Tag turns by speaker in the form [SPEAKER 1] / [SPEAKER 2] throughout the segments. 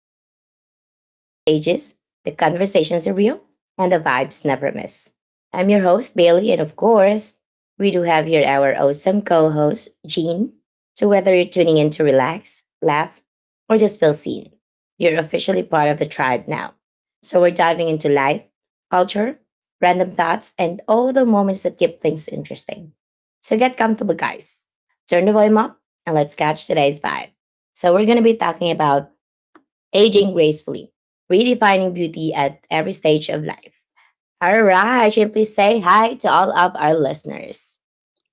[SPEAKER 1] podcast where the energy is contagious, the conversations are real, and the vibes never miss. I'm your host, Bailey, and of course, we do have here our awesome co host, Jean. So, whether you're tuning in to relax, laugh, or just feel seen, you're officially part of the tribe now. So, we're diving into life, culture, random thoughts, and all the moments that keep things interesting. So, get comfortable, guys. Turn the volume up and let's catch today's vibe. So, we're going to be talking about aging gracefully, redefining beauty at every stage of life. All right, and please say hi to all of our listeners.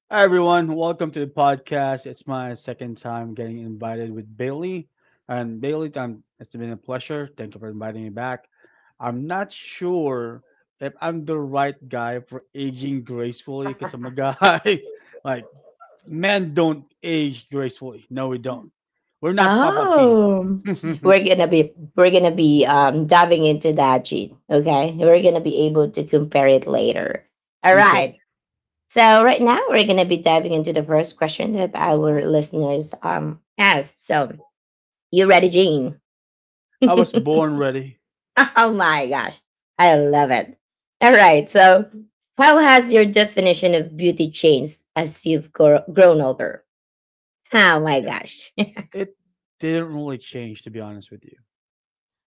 [SPEAKER 2] Hi everyone, welcome to the podcast. It's my second time getting invited with Bailey, and Bailey, it's been a pleasure. Thank you for inviting me back. I'm not sure if I'm the right guy for aging gracefully because I'm a guy. Like men don't age gracefully. No, we don't. We're not Papa P.
[SPEAKER 1] Oh,
[SPEAKER 2] Okay,
[SPEAKER 1] we're gonna be diving into that gene. Okay, we're gonna be able to compare it later. All right. So right now we're gonna be diving into the first question that our listeners asked. So you ready, Gene?
[SPEAKER 2] I
[SPEAKER 1] Oh
[SPEAKER 2] was born ready.
[SPEAKER 1] my gosh. I love it. All right. So, how has your definition of beauty changed as you've grown older? Oh my
[SPEAKER 2] It,
[SPEAKER 1] gosh.
[SPEAKER 2] it didn't really change, to be honest with you.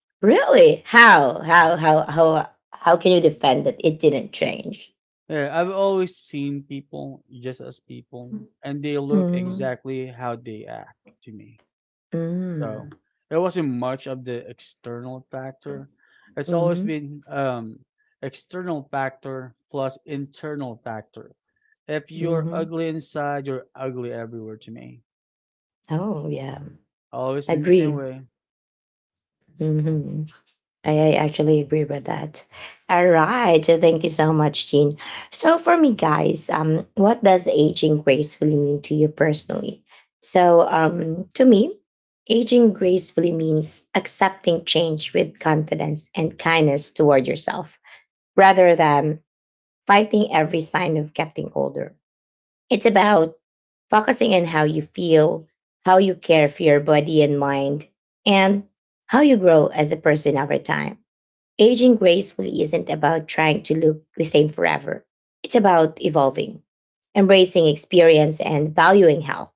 [SPEAKER 1] Really? How? How can you defend that it didn't change?
[SPEAKER 2] Yeah, I've always seen people just as people, and they look
[SPEAKER 1] Mm.
[SPEAKER 2] exactly how they act to me.
[SPEAKER 1] Mm.
[SPEAKER 2] So there wasn't much of the external factor. It's always
[SPEAKER 1] Mhm.
[SPEAKER 2] been external factor plus internal factor. If you're
[SPEAKER 1] Mhm.
[SPEAKER 2] ugly inside, you're ugly everywhere to me.
[SPEAKER 1] Oh, yeah.
[SPEAKER 2] Always been the same
[SPEAKER 1] Agree.
[SPEAKER 2] way.
[SPEAKER 1] Mhm. I actually agree with that. All right. Thank you so much, Jean. So for me, guys, what does aging gracefully mean to you personally? So to me, aging gracefully means accepting change with confidence and kindness toward yourself rather than fighting every sign of getting older. It's about focusing on how you feel, how you care for your body and mind, and how you grow as a person over time. Aging gracefully isn't about trying to look the same forever. It's about evolving, embracing experience, and valuing health,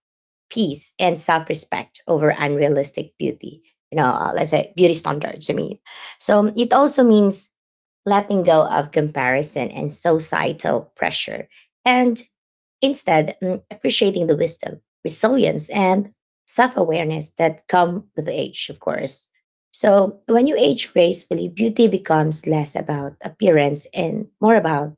[SPEAKER 1] peace, and self respect over unrealistic beauty. You know, let's say beauty standards, I mean. So it also means letting go of comparison and societal pressure and instead, appreciating the wisdom, resilience, and self awareness that come with age, of course. So, when you age gracefully, beauty becomes less about appearance and more about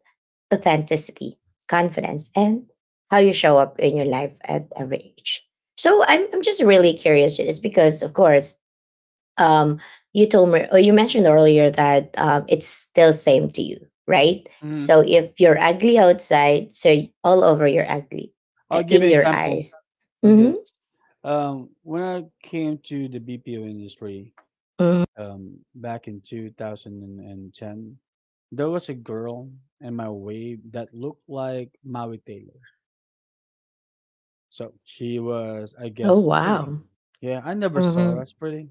[SPEAKER 1] authenticity, confidence, and how you show up in your life at every age. So, I'm just really curious. It's because, of course, um, you told me or you mentioned earlier that it's still same to you, right? So
[SPEAKER 2] Hmm.
[SPEAKER 1] if you're ugly outside, all over you're ugly
[SPEAKER 2] I'll give you
[SPEAKER 1] in
[SPEAKER 2] an
[SPEAKER 1] your
[SPEAKER 2] example
[SPEAKER 1] eyes.
[SPEAKER 2] of this.
[SPEAKER 1] Mm-hmm.
[SPEAKER 2] When I came to the BPO industry,
[SPEAKER 1] Mm-hmm.
[SPEAKER 2] back in 2010, there was a girl in my wave that looked like Maui Taylor. So she was, I
[SPEAKER 1] Oh
[SPEAKER 2] guess, pretty.
[SPEAKER 1] wow.
[SPEAKER 2] Yeah, I never saw her
[SPEAKER 1] Mm-hmm.
[SPEAKER 2] as pretty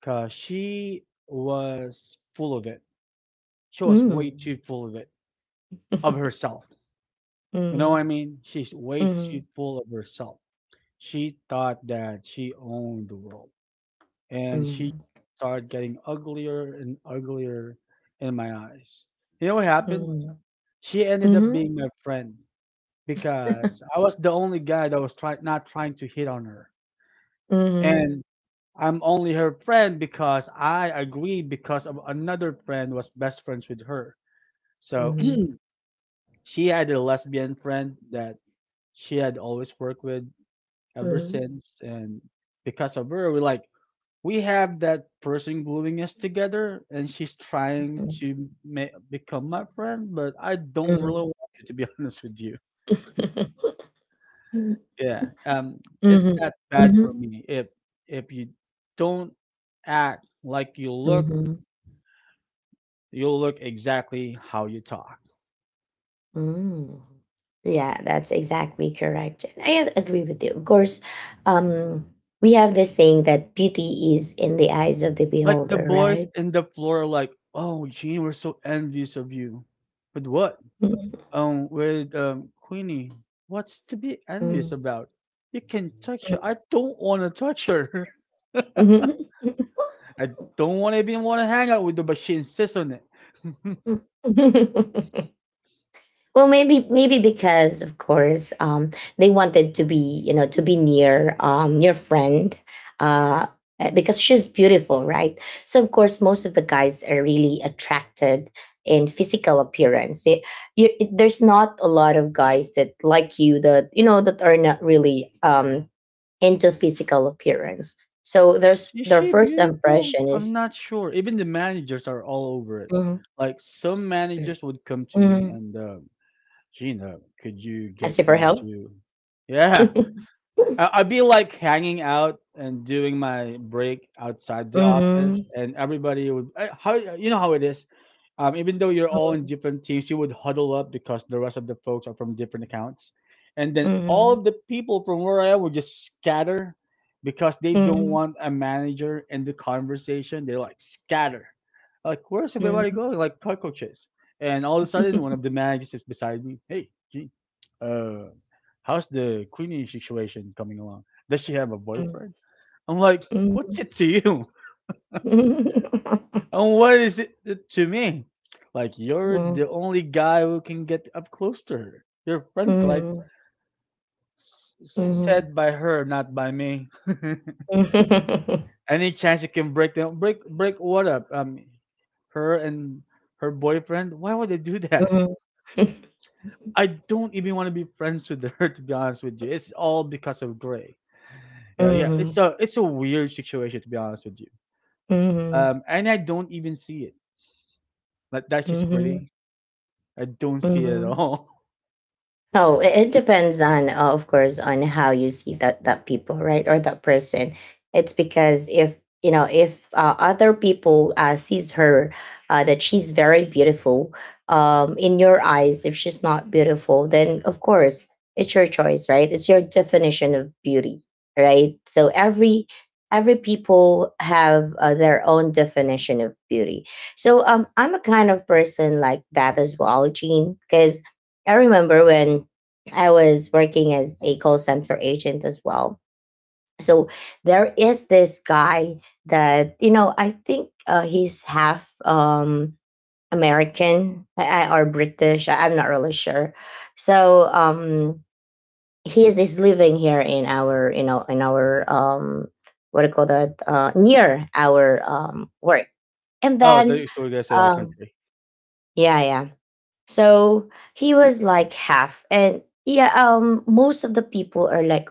[SPEAKER 2] because she was full of it. She was way too
[SPEAKER 1] Mm.
[SPEAKER 2] full of it, of herself. You know
[SPEAKER 1] Mm-hmm.
[SPEAKER 2] what I mean? She's way too full of herself. She thought that she owned the world. And she
[SPEAKER 1] Mm-hmm.
[SPEAKER 2] started getting uglier and uglier in my eyes. You know what happened?
[SPEAKER 1] Mm-hmm.
[SPEAKER 2] She ended up
[SPEAKER 1] Mm-hmm.
[SPEAKER 2] being my friend because I was the only guy that was try not trying to hit on her.
[SPEAKER 1] Mm-hmm.
[SPEAKER 2] And I'm only her friend because I agreed because of another friend was best friends with her. So she had a lesbian friend that she had always worked with ever
[SPEAKER 1] Mm-hmm.
[SPEAKER 2] since, and because of her we're like we have that person gluing us together, and she's trying to become my friend, but I don't really
[SPEAKER 1] Mm-hmm.
[SPEAKER 2] want it to be honest with you.
[SPEAKER 1] Mm-hmm.
[SPEAKER 2] Yeah, it's
[SPEAKER 1] Mm-hmm.
[SPEAKER 2] that bad for me. If you don't act like you look,
[SPEAKER 1] Mm-hmm.
[SPEAKER 2] you'll look exactly how you talk.
[SPEAKER 1] Mm. Yeah, that's exactly correct. And I agree with you. Of course, um, we have this saying that beauty is in the eyes of the
[SPEAKER 2] Like the
[SPEAKER 1] beholder,
[SPEAKER 2] boys
[SPEAKER 1] right?
[SPEAKER 2] in the floor are like, oh, Gene, we're so envious of you. But what?
[SPEAKER 1] Mm,
[SPEAKER 2] With Queenie, what's to be envious
[SPEAKER 1] mm,
[SPEAKER 2] about? You can touch her. I don't want to touch her.
[SPEAKER 1] mm.
[SPEAKER 2] I don't want to even want to hang out with her, but she insists on it.
[SPEAKER 1] Mhm. Well, maybe because of course they wanted to be you know to be near your friend, uh, because she's beautiful, right? So of course most of the guys are really attracted in physical appearance. There's not a lot of guys that like you that you know that are not really into physical appearance. So there's
[SPEAKER 2] Is
[SPEAKER 1] their
[SPEAKER 2] she
[SPEAKER 1] first
[SPEAKER 2] beautiful?
[SPEAKER 1] impression
[SPEAKER 2] I'm
[SPEAKER 1] is
[SPEAKER 2] not sure. Even the managers are all over it.
[SPEAKER 1] mm
[SPEAKER 2] Like some managers would come to me
[SPEAKER 1] mm
[SPEAKER 2] and Gina, could you
[SPEAKER 1] I
[SPEAKER 2] get
[SPEAKER 1] see for
[SPEAKER 2] me
[SPEAKER 1] help.
[SPEAKER 2] to? Yeah, I'd be like hanging out and doing my break outside the office,
[SPEAKER 1] Hmm.
[SPEAKER 2] and everybody would. How you know how it is? Even though you're all in different teams, you would huddle up because the rest of the folks are from different accounts, and then all
[SPEAKER 1] Mhm.
[SPEAKER 2] of the people from where I am would just scatter because they don't
[SPEAKER 1] Mhm.
[SPEAKER 2] want a manager in the conversation. They like scatter, like where's everybody
[SPEAKER 1] Mhm.
[SPEAKER 2] going? Like cockroaches. And all of a sudden, one of the managers is beside me. Hey, Gene, uh, how's the cleaning situation coming along? Does she have a
[SPEAKER 1] Hmm.
[SPEAKER 2] boyfriend? I'm like,
[SPEAKER 1] Mhm.
[SPEAKER 2] what's it to you? And what is it to me? Like, you're
[SPEAKER 1] Mm.
[SPEAKER 2] the only guy who can get up close to her. Your friends like
[SPEAKER 1] Mhm. Mhm. Mhm.
[SPEAKER 2] said by her, not by me. Any chance you can break them, break what up? Her and her boyfriend. Why would they do that?
[SPEAKER 1] Mhm.
[SPEAKER 2] I don't even want to be friends with her. To be honest with you, it's all because of Gray. Yeah, yeah. It's
[SPEAKER 1] Mhm.
[SPEAKER 2] a weird situation, to be honest with you.
[SPEAKER 1] Mhm.
[SPEAKER 2] And I don't even see it. Like that's just
[SPEAKER 1] Mhm.
[SPEAKER 2] pretty. I don't see it at
[SPEAKER 1] Mhm.
[SPEAKER 2] all.
[SPEAKER 1] Oh, it depends on, of course, on how you see that people, right, or that person. It's because if you know if other people sees her, that she's very beautiful, in your eyes. If she's not beautiful, then of course it's your choice, right? It's your definition of beauty, right? So every people have their own definition of beauty. So I'm a kind of person like that as well, Gene, because I remember when I was working as a call center agent as well. So there is this guy that you know. I think he's half American or British. I'm not really sure. So he is living here in our you know in our what do you call that, near our work. And
[SPEAKER 2] Oh,
[SPEAKER 1] then
[SPEAKER 2] the story guy said our
[SPEAKER 1] um,
[SPEAKER 2] country.
[SPEAKER 1] yeah, yeah. So he was like half, and yeah, most of the people are like,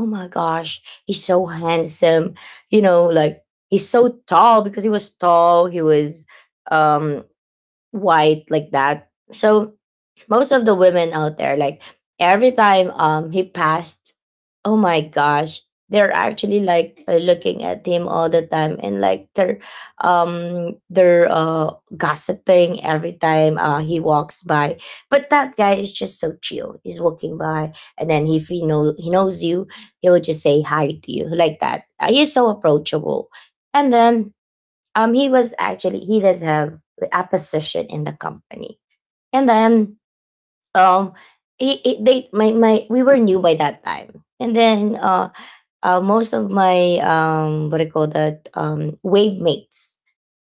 [SPEAKER 1] oh my gosh, he's so handsome. You know, like he's so tall, because he was tall, he was um white like that. So most of the women out there, like, every time he passed, oh my gosh, they're actually like, looking at him all the time, and like they're gossiping every time he walks by. But that guy is just so chill, he's walking by, and then if he knows you, he will just say hi to you like that. He's so approachable. And then he was actually, he does have the opposition in the company. And then um he it, they my my we were new by that time, and then most of my what do you call that, wave mates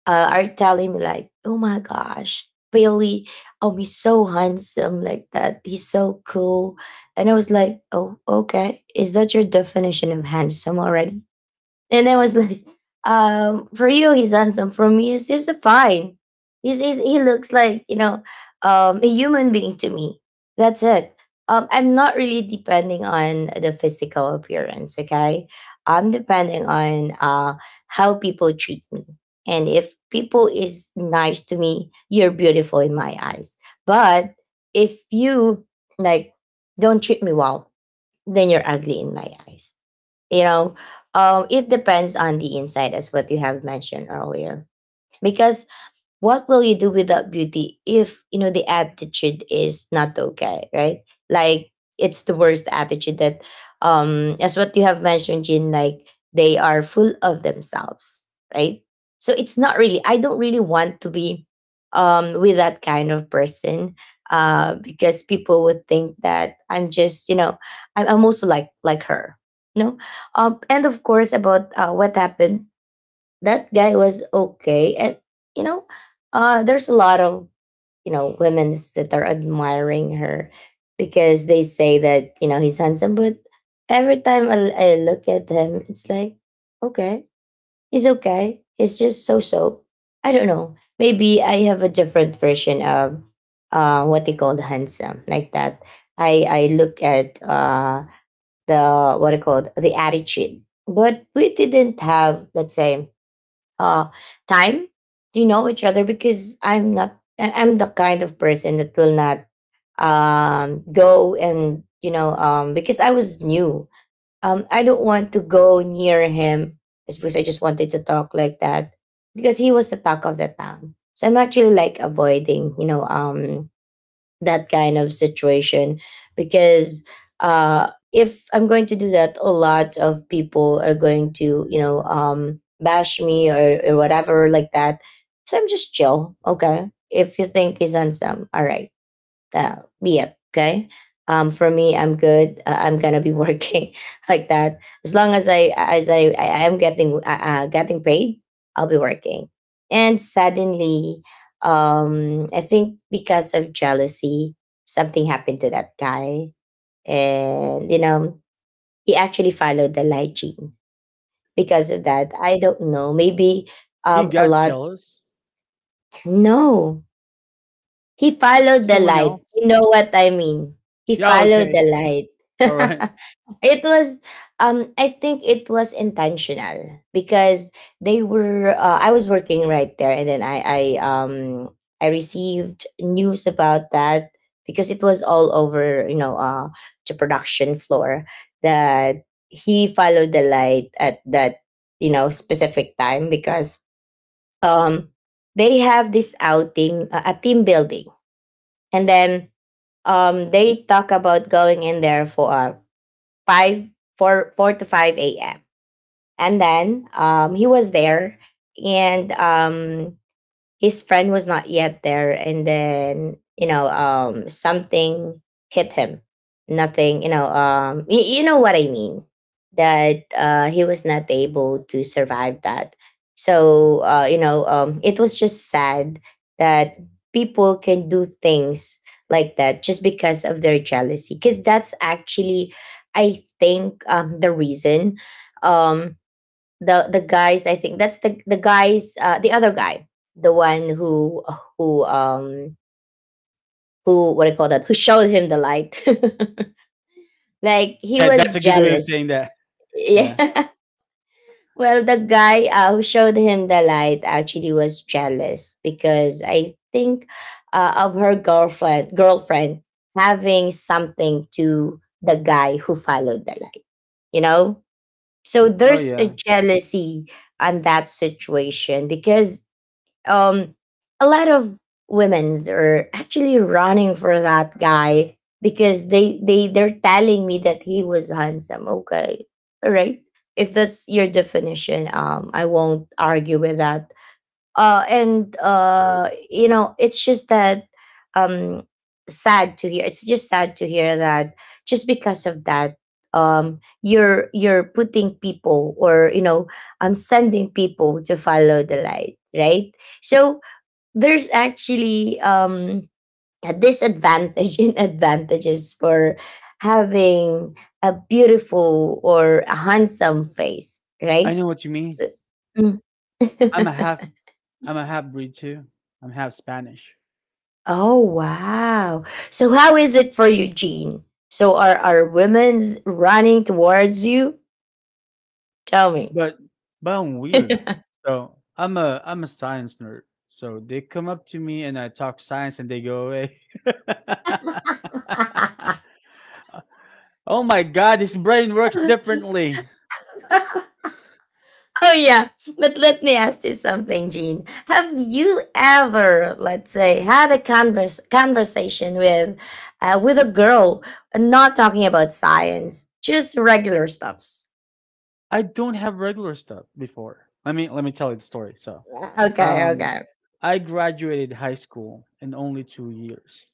[SPEAKER 1] are telling me like, oh my gosh, Bailey, oh he's so handsome like that, he's so cool. And I was like, oh okay, is that your definition of handsome already? And I was like, for you, he's handsome. For me, he's just fine. He looks like you know a human being to me. That's it. I'm not really depending on the physical appearance. Okay, I'm depending on how people treat me. And if people is nice to me, you're beautiful in my eyes. But if you, like, don't treat me well, then you're ugly in my eyes, you know. It depends on the inside, as what you have mentioned earlier, because what will you do without beauty if you know the attitude is not okay, right? Like, it's the worst attitude that, as what you have mentioned, jin, like they are full of themselves, right? So it's not really, I don't really want to be with that kind of person, because people would think that I'm just, you know, I'm also like her, you know. And of course about, what happened, that guy was okay. And you know, there's a lot of, you know, women that are admiring her because they say that you know he's handsome. But every time I look at him, it's like, okay, he's okay, he's just so so. I don't know, maybe I have a different version of what they call handsome like that. I look at, the, what it called, the attitude. But we didn't have, let's say, uh time to know each other, because I'm not I'm the kind of person that will not go and, you know, because I was new, I don't want to go near him. It's because I just wanted to talk like that, because he was the talk of the town, so I'm actually like avoiding, you know, that kind of situation, because if I'm going to do that, a lot of people are going to, you know, bash me, or whatever like that. So I'm just chill. Okay. If you think he's handsome, all right, yeah, okay. For me, I'm good. I'm gonna be working like that, as long as I am getting getting paid. I'll be working, and suddenly, I think because of jealousy, something happened to that guy, and you know he actually followed the light, gene. Because of that, I don't know. Maybe
[SPEAKER 2] He
[SPEAKER 1] a
[SPEAKER 2] got
[SPEAKER 1] lot.
[SPEAKER 2] jealous.
[SPEAKER 1] No, he
[SPEAKER 2] There
[SPEAKER 1] followed
[SPEAKER 2] was
[SPEAKER 1] the
[SPEAKER 2] someone
[SPEAKER 1] light.
[SPEAKER 2] else.
[SPEAKER 1] You know what I mean? He
[SPEAKER 2] Yeah,
[SPEAKER 1] followed
[SPEAKER 2] okay.
[SPEAKER 1] the light.
[SPEAKER 2] All right.
[SPEAKER 1] It was I think it was intentional, because they were, I was working right there, and then I received news about that, because it was all over, you know, the production floor, that he followed the light at that, you know, specific time, because um they have this outing, a team building. And then they talk about going in there for five, four, 4 to 5 a.m. And then he was there, and his friend was not yet there. And then something hit him. Nothing, you know what I mean, that he was not able to survive that. So it was just sad that people can do things like that just because of their jealousy. Because that's actually, I think, the reason. Um the the guys, I think that's the guys, the other guy, the one who, who um who what do you call that who showed him the light. Like he
[SPEAKER 2] Yeah,
[SPEAKER 1] was
[SPEAKER 2] that's a good way of
[SPEAKER 1] jealous.
[SPEAKER 2] saying that. Yeah.
[SPEAKER 1] Yeah. Well, the guy, who showed him the light, actually was jealous because I think, of her girlfriend. Girlfriend having something to the guy who followed the light, you know. So
[SPEAKER 2] Oh
[SPEAKER 1] there's a
[SPEAKER 2] yeah.
[SPEAKER 1] jealousy on that situation because, um a lot of women's are actually running for that guy because they're telling me that he was handsome. Okay, all right, if that's your definition, I won't argue with that. And you know, it's just that, um sad to hear. It's just sad to hear that just because of that, you're putting people, or you know, I'm sending people to follow the light, right? So there's actually, a disadvantage in advantages for having a beautiful or a handsome face,
[SPEAKER 2] I
[SPEAKER 1] right?
[SPEAKER 2] know what you mean.
[SPEAKER 1] So- Mm.
[SPEAKER 2] I'm a half I'm a half breed too. I'm half Spanish.
[SPEAKER 1] Oh wow. So how is it for you, Jean? So are women's running towards you? Tell me.
[SPEAKER 2] But but I'm weird. So I'm a science nerd. So they come up to me and I talk science and they go away. Oh my god, his brain works differently.
[SPEAKER 1] Oh yeah. But let me ask you something, Jean. Have you ever, let's say, had a converse conversation with a girl, not talking about science, just regular stuffs?
[SPEAKER 2] I don't have regular stuff before. Let me tell you the story. So,
[SPEAKER 1] Okay,
[SPEAKER 2] um,
[SPEAKER 1] okay.
[SPEAKER 2] I graduated high school in only 2 years.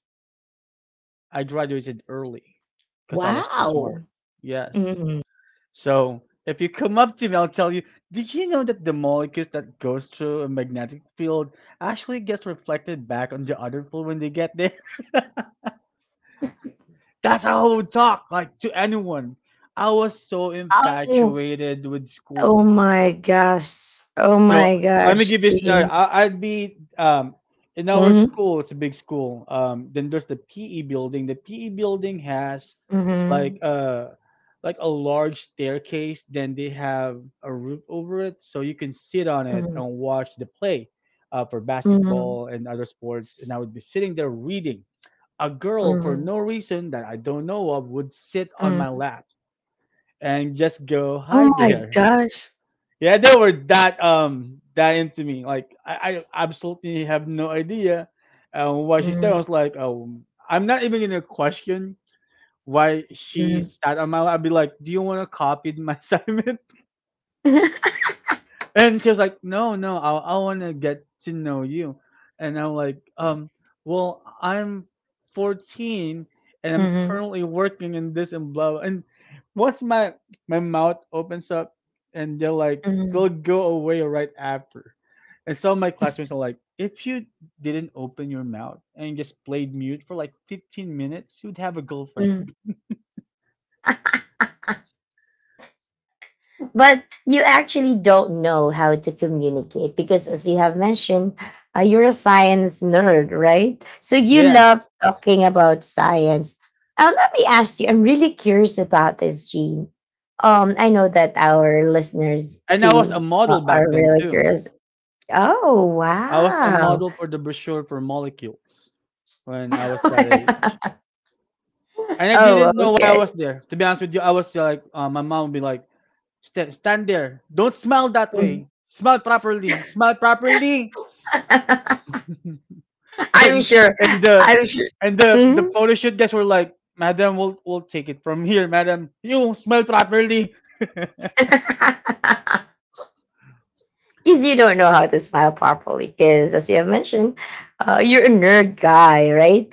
[SPEAKER 2] I graduated early because I was too smart.
[SPEAKER 1] Wow.
[SPEAKER 2] Yes.
[SPEAKER 1] Mhm.
[SPEAKER 2] So if you come up to me, I'll tell you. Did you know that the molecules that goes through a magnetic field actually gets reflected back on the other field when they get there? That's how I would talk, like to anyone. I was so
[SPEAKER 1] Oh,
[SPEAKER 2] infatuated with
[SPEAKER 1] oh
[SPEAKER 2] school.
[SPEAKER 1] my gosh. Oh
[SPEAKER 2] So
[SPEAKER 1] my
[SPEAKER 2] let me
[SPEAKER 1] gosh,
[SPEAKER 2] give you a scenario.
[SPEAKER 1] Jean.
[SPEAKER 2] I'd be in our school. It's a big school. Then there's the PE building. The PE building has like
[SPEAKER 1] Mhm.
[SPEAKER 2] a like a large staircase. Then they have a roof over it, so you can sit on it
[SPEAKER 1] Mhm.
[SPEAKER 2] and watch the play for
[SPEAKER 1] Mhm.
[SPEAKER 2] basketball and other sports. And I would be sitting there reading. A girl, for
[SPEAKER 1] Mhm.
[SPEAKER 2] no reason that I don't know of, would sit on my
[SPEAKER 1] Mm.
[SPEAKER 2] lap and just go,
[SPEAKER 1] Oh
[SPEAKER 2] "Hi
[SPEAKER 1] my
[SPEAKER 2] there."
[SPEAKER 1] gosh.
[SPEAKER 2] Yeah, they were that into me. Like I absolutely have no idea why she's there. I
[SPEAKER 1] Mhm.
[SPEAKER 2] was like, oh, I'm not even gonna question why she
[SPEAKER 1] Mhm.
[SPEAKER 2] sat on my lap. I'd be like, do you want to copy my assignment? And she was like, "No, no, I want to get to know you." And I'm like, well, I'm 14 and I'm
[SPEAKER 1] Mhm.
[SPEAKER 2] currently working in this and blah." And once my mouth opens up, and they're like, they'll
[SPEAKER 1] Mhm.
[SPEAKER 2] go away right after. And some of my classmates are like, "If you didn't open your mouth and just played mute for like 15 minutes, you'd have a girlfriend."
[SPEAKER 1] Mm. But you actually don't know how to communicate because, as you have mentioned, you're a science nerd, right? So you
[SPEAKER 2] Yeah,
[SPEAKER 1] love talking about science. Now let me ask you, I'm really curious about this, Gene. I know that our listeners
[SPEAKER 2] and I was a
[SPEAKER 1] too,
[SPEAKER 2] model
[SPEAKER 1] are
[SPEAKER 2] back then
[SPEAKER 1] really
[SPEAKER 2] too.
[SPEAKER 1] curious. Oh
[SPEAKER 2] I was a
[SPEAKER 1] wow.
[SPEAKER 2] model for the brochure for molecules when I was that age. And I
[SPEAKER 1] Oh,
[SPEAKER 2] didn't know why I
[SPEAKER 1] okay.
[SPEAKER 2] was there. To be honest with you, I was like, my mom would be like, stand there. Don't smile that
[SPEAKER 1] Mm.
[SPEAKER 2] way. Smile properly. Smile properly.
[SPEAKER 1] I'm
[SPEAKER 2] And
[SPEAKER 1] sure.
[SPEAKER 2] and the
[SPEAKER 1] I'm sure.
[SPEAKER 2] and the
[SPEAKER 1] Mhm.
[SPEAKER 2] photo shoot guys were like, madam, we'll take it from here, madam. You smile properly.
[SPEAKER 1] Because you don't know how to smile properly. Because, as you have mentioned, you're a nerd guy, right?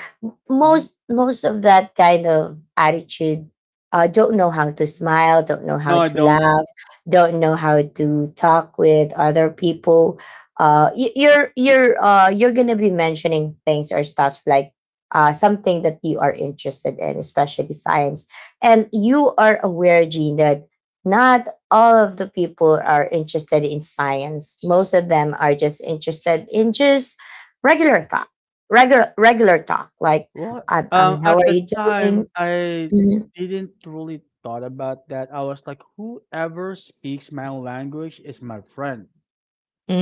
[SPEAKER 2] Mhm.
[SPEAKER 1] Most of that kind of attitude, don't know how to smile, don't know
[SPEAKER 2] No,
[SPEAKER 1] how
[SPEAKER 2] I
[SPEAKER 1] to
[SPEAKER 2] don't.
[SPEAKER 1] laugh, don't know how to talk with other people. You're you're gonna be mentioning things or stuffs like, something that you are interested in, especially science, and you are aware, Gene, that not all of the people are interested in science. Most of them are just interested in just regular talk, regular talk. Like,
[SPEAKER 2] Well,
[SPEAKER 1] how
[SPEAKER 2] at
[SPEAKER 1] are
[SPEAKER 2] the
[SPEAKER 1] you doing?
[SPEAKER 2] time, I
[SPEAKER 1] Mhm.
[SPEAKER 2] didn't really thought about that. I was like, whoever speaks my language is my friend,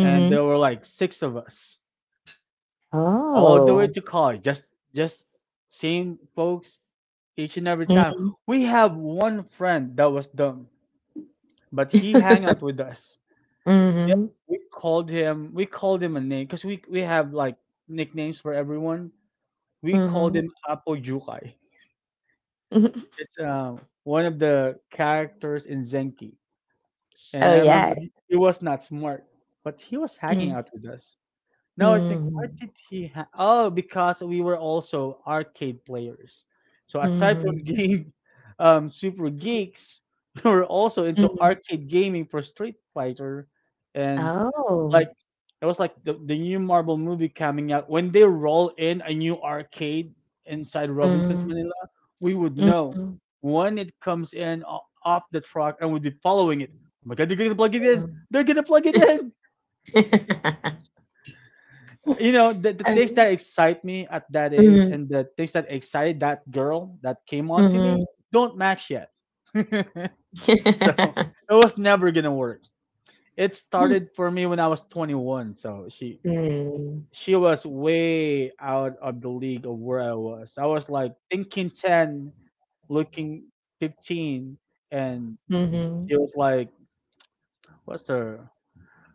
[SPEAKER 2] and there were like six of us, all the way
[SPEAKER 1] Oh.
[SPEAKER 2] to college, just same folks each and every time.
[SPEAKER 1] Mhm.
[SPEAKER 2] We have one friend that was dumb, but he hang out with us. Yeah,
[SPEAKER 1] Mhm.
[SPEAKER 2] we called him a name because we have like nicknames for everyone. We called
[SPEAKER 1] Mhm.
[SPEAKER 2] him Apo Jukai. It's one of the characters in Zenki, and
[SPEAKER 1] Oh
[SPEAKER 2] I remember
[SPEAKER 1] yeah.
[SPEAKER 2] he was not smart, but he was hanging
[SPEAKER 1] Mm.
[SPEAKER 2] out with us. Now I think, why
[SPEAKER 1] Mhm.
[SPEAKER 2] did he? Oh, because we were also arcade players. So aside from
[SPEAKER 1] Mhm.
[SPEAKER 2] game, super geeks, we were also into
[SPEAKER 1] Mhm.
[SPEAKER 2] arcade gaming for Street Fighter and like
[SPEAKER 1] Oh.
[SPEAKER 2] it was like the new Marvel movie coming out. When they roll in a new arcade inside Robinson's
[SPEAKER 1] Mhm.
[SPEAKER 2] Manila, we would know
[SPEAKER 1] Mhm.
[SPEAKER 2] when it comes in off the truck and we'd be following it. Oh my god, they're gonna plug it in.
[SPEAKER 1] Mhm.
[SPEAKER 2] They're gonna plug it in. You know, the things that
[SPEAKER 1] Um,
[SPEAKER 2] excite me at that age
[SPEAKER 1] Mhm.
[SPEAKER 2] and the things that excited that girl that came on to
[SPEAKER 1] Mhm.
[SPEAKER 2] me don't match yet. So it was never gonna work. It started for me when I was 21. So
[SPEAKER 1] Mm.
[SPEAKER 2] she was way out of the league of where I was. I was like thinking 10, looking 15, and
[SPEAKER 1] Mhm.
[SPEAKER 2] she was like, what's the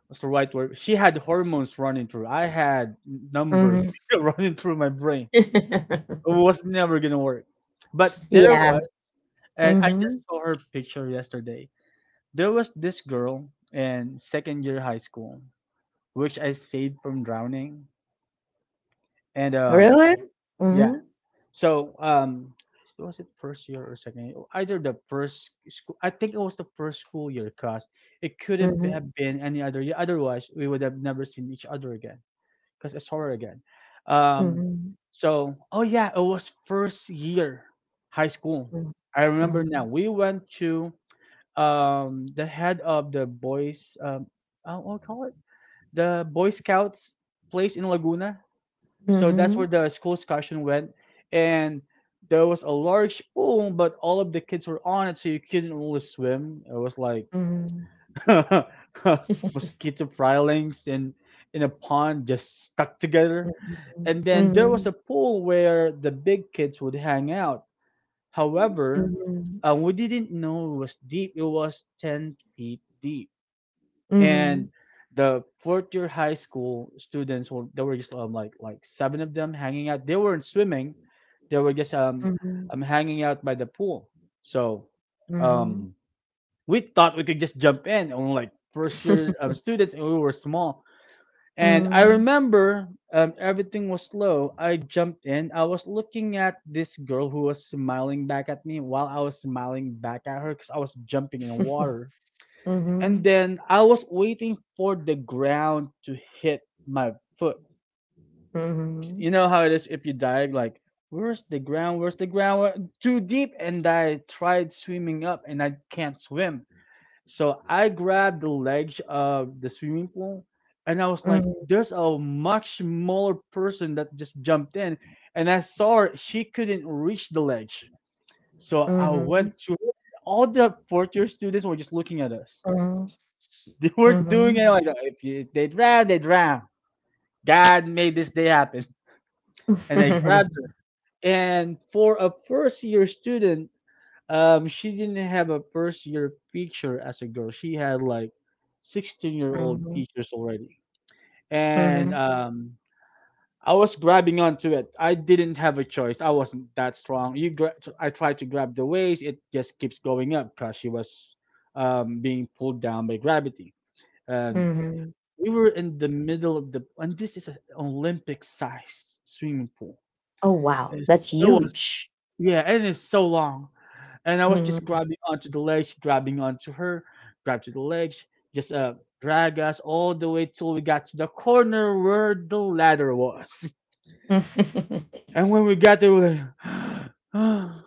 [SPEAKER 2] what's the right word? She had hormones running through. I had numbers
[SPEAKER 1] Mhm.
[SPEAKER 2] running through my brain. It was never gonna work. But there
[SPEAKER 1] Yeah.
[SPEAKER 2] was, and I
[SPEAKER 1] Mhm.
[SPEAKER 2] just saw her picture yesterday. There was this girl in second year high school, which I saved from drowning, and
[SPEAKER 1] Really?
[SPEAKER 2] yeah.
[SPEAKER 1] Mhm.
[SPEAKER 2] So so was it first year or second year? Either the first school, I think it was the first school year, cause it could
[SPEAKER 1] Mhm.
[SPEAKER 2] have been any other year. Otherwise, we would have never seen each other again, cause I saw her again. Um,
[SPEAKER 1] Mhm.
[SPEAKER 2] so oh yeah, it was first year high school. I remember now.
[SPEAKER 1] Mhm.
[SPEAKER 2] We went to the head of the boys what do you call it, the Boy Scouts place in Laguna. So that's where
[SPEAKER 1] Mhm.
[SPEAKER 2] the school excursion went, and there was a large pool, but all of the kids were on it, so you couldn't really swim. It was like
[SPEAKER 1] Mhm.
[SPEAKER 2] mosquito filings in a pond just stuck together. And then there was
[SPEAKER 1] Mhm.
[SPEAKER 2] a pool where the big kids would hang out. However,
[SPEAKER 1] Mhm.
[SPEAKER 2] we didn't know it was deep. It was 10 feet deep
[SPEAKER 1] Mhm.
[SPEAKER 2] and the fourth year high school students were there were just like seven of them hanging out. They weren't swimming; they were just
[SPEAKER 1] Mhm.
[SPEAKER 2] hanging out by the pool. So
[SPEAKER 1] Mhm.
[SPEAKER 2] um we thought we could just jump in on like first year students, and we were small. And I
[SPEAKER 1] Mhm.
[SPEAKER 2] remember everything was slow. I jumped in. I was looking at this girl who was smiling back at me while I was smiling back at her because I was jumping in the water, and
[SPEAKER 1] Mhm.
[SPEAKER 2] then I was waiting for the ground to hit my foot.
[SPEAKER 1] Mhm.
[SPEAKER 2] You know how it is if you dive, like, where's the ground? Where's the ground? Where-" Too deep. And I tried swimming up and I can't swim. So I grabbed the ledge of the swimming pool, and I was like,
[SPEAKER 1] Mhm.
[SPEAKER 2] there's a much smaller person that just jumped in. And I saw her, she couldn't reach the ledge. So I
[SPEAKER 1] Mhm.
[SPEAKER 2] went to her. All the fourth year students were just looking at us.
[SPEAKER 1] Mhm.
[SPEAKER 2] They weren't doing
[SPEAKER 1] Mhm.
[SPEAKER 2] it. Like, if, you, if they drown, they drown. God made this day happen. And I
[SPEAKER 1] Mhm.
[SPEAKER 2] grabbed her. And for a first year student, she didn't have a first year picture as a girl. She had like 16-year-old
[SPEAKER 1] Mhm.
[SPEAKER 2] pictures already.
[SPEAKER 1] Mhm.
[SPEAKER 2] And
[SPEAKER 1] Mhm.
[SPEAKER 2] I was grabbing onto it. I didn't have a choice. I wasn't that strong. You, gra- I tried to grab the waist. It just keeps going up because she was being pulled down by gravity. And
[SPEAKER 1] Mhm.
[SPEAKER 2] we were in the middle of the and this is an Olympic sized swimming pool.
[SPEAKER 1] Oh, wow.
[SPEAKER 2] It's,
[SPEAKER 1] That's
[SPEAKER 2] it was
[SPEAKER 1] huge.
[SPEAKER 2] yeah, and it's so long. And I was just
[SPEAKER 1] Mhm.
[SPEAKER 2] grabbing onto the ledge, grabbing onto her, grab to the ledge, just drag us all the way till we got to the corner where the ladder was. And when we got there, we like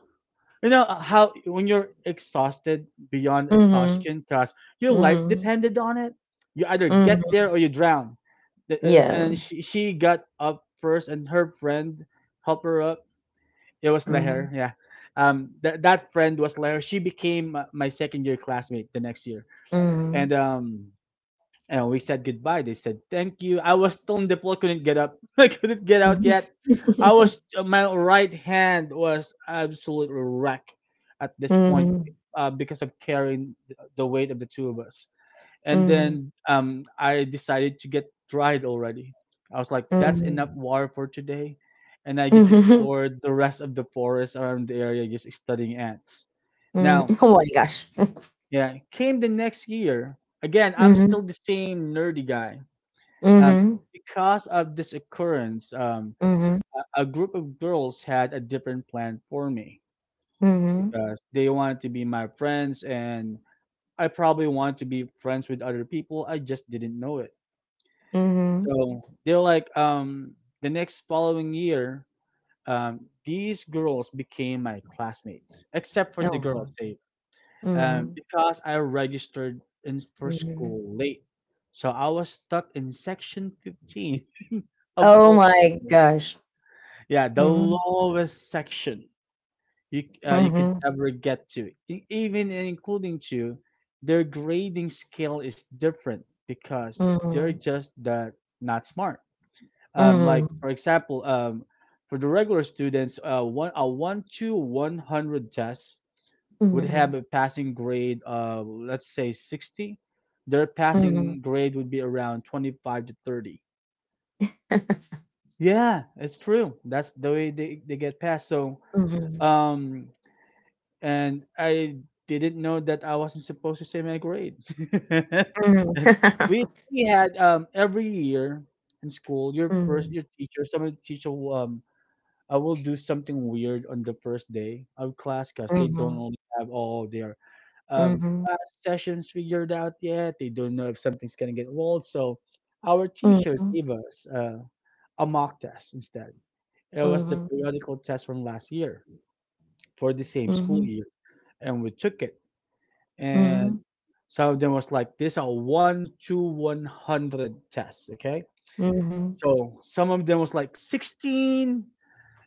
[SPEAKER 2] you know how when you're exhausted beyond
[SPEAKER 1] Mhm.
[SPEAKER 2] exhaustion, cause your life
[SPEAKER 1] Mhm.
[SPEAKER 2] depended on it. You either
[SPEAKER 1] Mhm.
[SPEAKER 2] get there or you drown. The- uh,
[SPEAKER 1] Yeah.
[SPEAKER 2] And she got up first, and her friend helped her up. It was Leher,
[SPEAKER 1] Mhm.
[SPEAKER 2] yeah. That friend was Leher. She became my second year classmate the next year,
[SPEAKER 1] Mhm.
[SPEAKER 2] and um, and we said goodbye. They said thank you. I was still in the floor; couldn't get up. I couldn't get out
[SPEAKER 1] Mhm.
[SPEAKER 2] yet. I was my right hand was absolutely wrecked at this point
[SPEAKER 1] Mhm.
[SPEAKER 2] because of carrying the weight of the two of us. And
[SPEAKER 1] Mhm.
[SPEAKER 2] then I decided to get dried already. I was like, that's enough
[SPEAKER 1] Mhm.
[SPEAKER 2] water for today. And I just
[SPEAKER 1] Mhm.
[SPEAKER 2] explored the rest of the forest around the area, just studying ants. Now,
[SPEAKER 1] Oh my gosh.
[SPEAKER 2] yeah, came the next year. Again, I'm
[SPEAKER 1] Mhm.
[SPEAKER 2] still the same nerdy guy. Um,
[SPEAKER 1] Mhm.
[SPEAKER 2] because of this occurrence,
[SPEAKER 1] Mhm.
[SPEAKER 2] a group of girls had a different plan for me
[SPEAKER 1] Mhm.
[SPEAKER 2] because they wanted to be my friends, and I probably wanted to be friends with other people. I just didn't know it.
[SPEAKER 1] Mhm.
[SPEAKER 2] So they're like, the next following year, these girls became my classmates, except for the
[SPEAKER 1] Oh,
[SPEAKER 2] girls,
[SPEAKER 1] wow.
[SPEAKER 2] say,
[SPEAKER 1] Mhm.
[SPEAKER 2] because I registered in for
[SPEAKER 1] Mhm.
[SPEAKER 2] school late. So I was stuck in section 15 of
[SPEAKER 1] Oh
[SPEAKER 2] all.
[SPEAKER 1] my gosh.
[SPEAKER 2] Yeah, the
[SPEAKER 1] Mhm.
[SPEAKER 2] lowest section you you could
[SPEAKER 1] Mhm.
[SPEAKER 2] ever get to. E- Even including to their grading scale is different because they're
[SPEAKER 1] Mhm.
[SPEAKER 2] just that not smart. Like
[SPEAKER 1] Mhm.
[SPEAKER 2] for example, for the regular students, 1 to 100 test would
[SPEAKER 1] Mhm.
[SPEAKER 2] have a passing grade of let's say 60. Their
[SPEAKER 1] Mhm.
[SPEAKER 2] passing grade would be around 25 to 30. Yeah, it's true. That's the way they get passed. So
[SPEAKER 1] Mhm.
[SPEAKER 2] um and I didn't know that I wasn't supposed to say my grade.
[SPEAKER 1] Mhm.
[SPEAKER 2] And we had every year in school,
[SPEAKER 1] Mhm.
[SPEAKER 2] your teacher, some of the teacher will, I will do something weird on the first day of class because they don't
[SPEAKER 1] Mhm.
[SPEAKER 2] only have all their
[SPEAKER 1] Mhm.
[SPEAKER 2] class sessions figured out yet. They don't know if something's gonna get rolled. So our teacher
[SPEAKER 1] Mhm.
[SPEAKER 2] gave us a mock test instead. It was the
[SPEAKER 1] Mhm.
[SPEAKER 2] periodical test from last year for the same school
[SPEAKER 1] Mhm.
[SPEAKER 2] year, and we took it and
[SPEAKER 1] Mhm.
[SPEAKER 2] some of them was like these are 1 to 100 tests. Okay,
[SPEAKER 1] Mhm.
[SPEAKER 2] so some of them was like 16,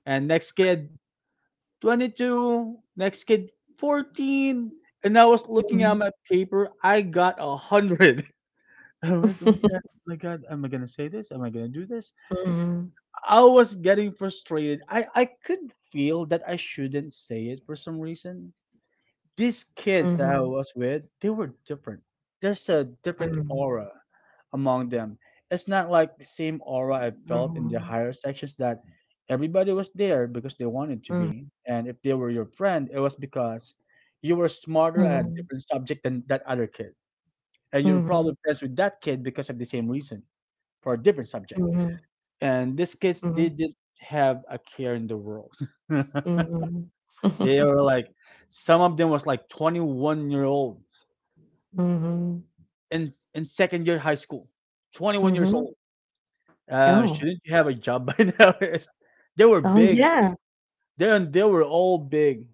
[SPEAKER 2] and next kid 22, next kid 14, and I was looking at
[SPEAKER 1] Mhm.
[SPEAKER 2] my paper. I got a 100. Oh my god, oh my god, am I gonna say this? Am I gonna do this?
[SPEAKER 1] Mhm.
[SPEAKER 2] I was getting frustrated. I could feel that I shouldn't say it for some reason. These kids that I
[SPEAKER 1] Mhm.
[SPEAKER 2] was with, they were different. There's a different
[SPEAKER 1] Mhm.
[SPEAKER 2] aura among them. It's not like the same aura I felt in the
[SPEAKER 1] Mhm.
[SPEAKER 2] higher sections that everybody was there because they wanted to be. And if they were your friend, it was because you were smarter at a
[SPEAKER 1] Mhm.
[SPEAKER 2] different subject than that other kid. And you were
[SPEAKER 1] Mhm.
[SPEAKER 2] probably friends with that kid because of the same reason for a different subject.
[SPEAKER 1] Mhm.
[SPEAKER 2] And these kids
[SPEAKER 1] Mhm. Mhm.
[SPEAKER 2] didn't have a care in the world. They
[SPEAKER 1] Mhm.
[SPEAKER 2] were like, some of them was like 21-year-old
[SPEAKER 1] Mhm.
[SPEAKER 2] in second year high school, 21 years
[SPEAKER 1] Mhm.
[SPEAKER 2] old.
[SPEAKER 1] Oh.
[SPEAKER 2] Shouldn't you have a job by now? It's- they were
[SPEAKER 1] Oh,
[SPEAKER 2] big.
[SPEAKER 1] yeah.
[SPEAKER 2] They were all big,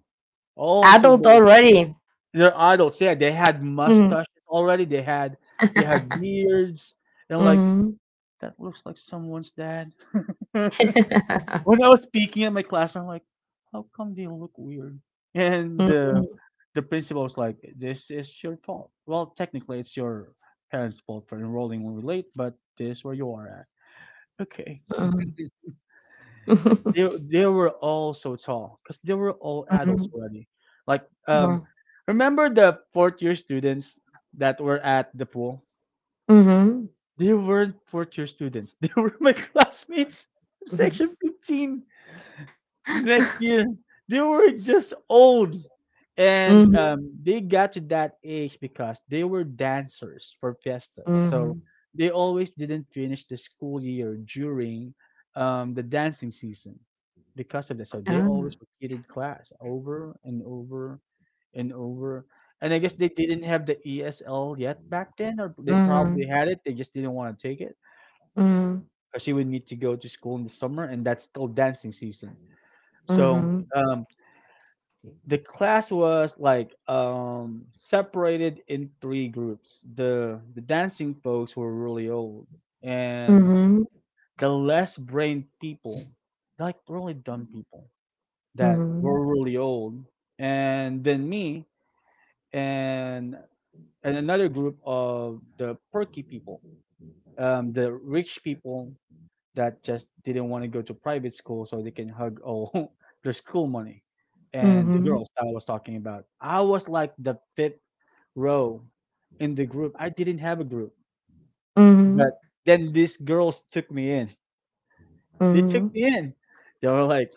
[SPEAKER 2] all so
[SPEAKER 1] Adult
[SPEAKER 2] big.
[SPEAKER 1] already.
[SPEAKER 2] They're adults. Yeah, they had
[SPEAKER 1] Mhm.
[SPEAKER 2] mustaches already. They had beards, and like
[SPEAKER 1] Mhm.
[SPEAKER 2] that looks like someone's dad. When I was speaking in my class, I'm like, how come they look weird? And
[SPEAKER 1] Mhm.
[SPEAKER 2] the principal was like, this is your fault. Well, technically, it's your parents' fault for enrolling when we're late, but this is where you are at. Okay.
[SPEAKER 1] Mhm.
[SPEAKER 2] They they were all so tall because they were all adults
[SPEAKER 1] Mhm.
[SPEAKER 2] already. Like um,
[SPEAKER 1] Mhm.
[SPEAKER 2] remember the fourth year students that were at the pool?
[SPEAKER 1] Mhm.
[SPEAKER 2] They weren't fourth year students. They were my classmates, in section 15. The next year, they were just old. And
[SPEAKER 1] Mhm.
[SPEAKER 2] they got to that age because they were dancers for fiestas. So
[SPEAKER 1] Mhm.
[SPEAKER 2] they always didn't finish the school year during the dancing season because of that. So they
[SPEAKER 1] Ah.
[SPEAKER 2] always repeated class over and over and over. And I guess they didn't have the ESL yet back then, or they probably
[SPEAKER 1] Mhm.
[SPEAKER 2] had it. They just didn't want to take it because you would need to go to school in the summer, and that's still dancing season. So
[SPEAKER 1] Mhm.
[SPEAKER 2] um, the class was like separated in three groups, the dancing folks were really old and
[SPEAKER 1] Mhm.
[SPEAKER 2] the less brained people, like really dumb people that
[SPEAKER 1] Mhm.
[SPEAKER 2] were really old, and then me and another group of the perky people, the rich people that just didn't want to go to private school so they can hug all their school money
[SPEAKER 1] Mhm.
[SPEAKER 2] and the
[SPEAKER 1] Mhm.
[SPEAKER 2] girls that I was talking about. I was like the fifth row in the group. I didn't have a group,
[SPEAKER 1] Mhm.
[SPEAKER 2] but then these girls took me in. They took
[SPEAKER 1] Mhm,
[SPEAKER 2] me in. They were like,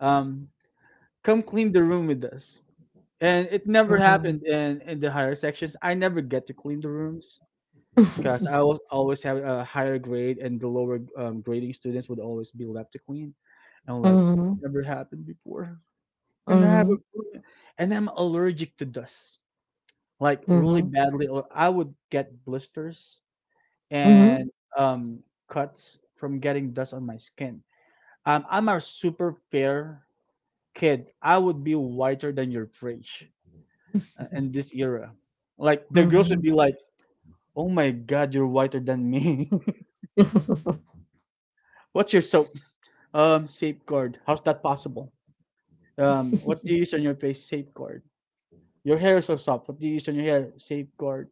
[SPEAKER 2] um, "Come clean the room with us." And it never
[SPEAKER 1] mhm.
[SPEAKER 2] happened in the higher sections. I never get to clean the rooms because I was always have a higher grade, and the lower grading students would always be left to clean. And I'm like, it's
[SPEAKER 1] Mhm,
[SPEAKER 2] never happened before. And I have
[SPEAKER 1] mhm,
[SPEAKER 2] a, and I'm allergic to dust, like really
[SPEAKER 1] mhm,
[SPEAKER 2] badly. Or I would get blisters
[SPEAKER 1] mhm.
[SPEAKER 2] and um, cuts from getting dust on my skin. I'm a super fair kid. I would be whiter than your fridge in this era. Like the girls would
[SPEAKER 1] Mhm.
[SPEAKER 2] be like, "Oh my God, you're whiter than me. What's your soap? Safeguard. How's that possible? What do you use on your face? Safeguard. Your hair is so soft. What do you use on your hair? Safeguard.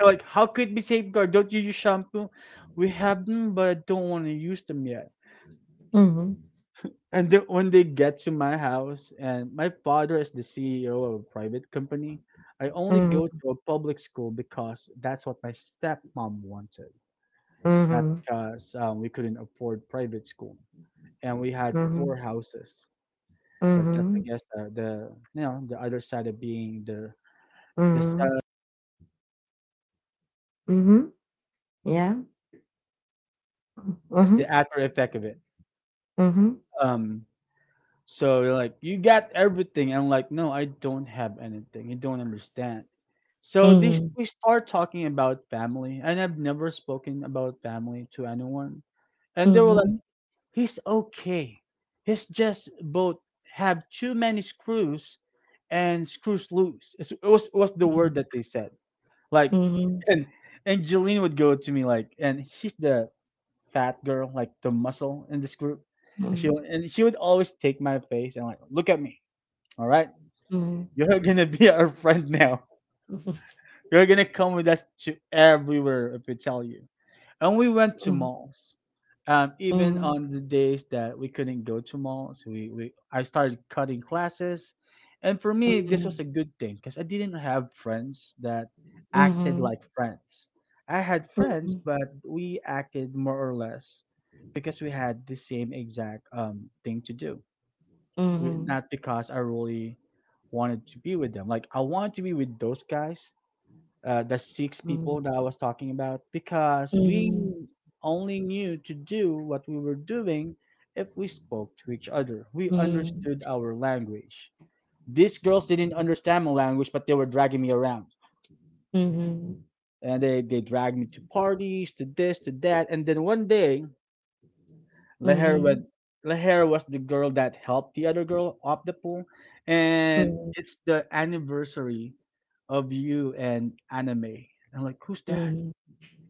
[SPEAKER 2] I'm like, how could it be safeguard? Don't you use shampoo? We have them, but I don't want to use them yet.
[SPEAKER 1] Mhm,
[SPEAKER 2] And the, when they get to my house, and my father is the CEO of a private company, I only go to a public school because that's what my stepmom wanted, not
[SPEAKER 1] mhm,
[SPEAKER 2] because we couldn't afford private school. And we had
[SPEAKER 1] mhm,
[SPEAKER 2] four
[SPEAKER 1] mhm,
[SPEAKER 2] houses, but that's I
[SPEAKER 1] mhm,
[SPEAKER 2] guess the you know the other side of being the side
[SPEAKER 1] mhm, mhm. Yeah.
[SPEAKER 2] is the
[SPEAKER 1] Mhm,
[SPEAKER 2] after effect of it.
[SPEAKER 1] mhm,
[SPEAKER 2] Um, So they're like, you got everything. And I'm like, no, I don't have anything. You don't understand. So they,
[SPEAKER 1] mhm,
[SPEAKER 2] we start talking about family, and I've never spoken about family to anyone. And they were like,
[SPEAKER 1] mhm,
[SPEAKER 2] he's okay. He's just both have too many screws and screws loose. It was the word
[SPEAKER 1] mhm,
[SPEAKER 2] that they said. Like,
[SPEAKER 1] mhm,
[SPEAKER 2] and Jeline would go to me like, and she's the fat girl, like the muscle in this group. And she would always take my face and like, look at me all right.
[SPEAKER 1] mhm.
[SPEAKER 2] You're gonna be our friend now. You're gonna come with us to everywhere if we tell you. And we went to malls. Even
[SPEAKER 1] Mm,
[SPEAKER 2] on the days that we couldn't go to malls, we I started cutting classes. And for me,
[SPEAKER 1] mhm,
[SPEAKER 2] this
[SPEAKER 1] mhm,
[SPEAKER 2] was a good thing because I didn't have friends that
[SPEAKER 1] mhm,
[SPEAKER 2] acted like
[SPEAKER 1] mhm,
[SPEAKER 2] friends. I had friends, but we acted more or less because we had the same exact thing to do
[SPEAKER 1] mhm,
[SPEAKER 2] not because I really wanted to be with them. Like I wanted to be with those guys, the six people that I was talking about, because we
[SPEAKER 1] mhm,
[SPEAKER 2] only knew to do what we were doing if we spoke to each other. We
[SPEAKER 1] mhm, mhm,
[SPEAKER 2] understood our language. These girls didn't understand my language, but they were dragging me around.
[SPEAKER 1] mhm, mhm,
[SPEAKER 2] And they dragged me to parties, to this, to that. And then one day, Leher was
[SPEAKER 1] mhm,
[SPEAKER 2] Leher was the girl that helped the other girl up the pool, and it's the anniversary of you and anime. I'm like, who's that?
[SPEAKER 1] mhm.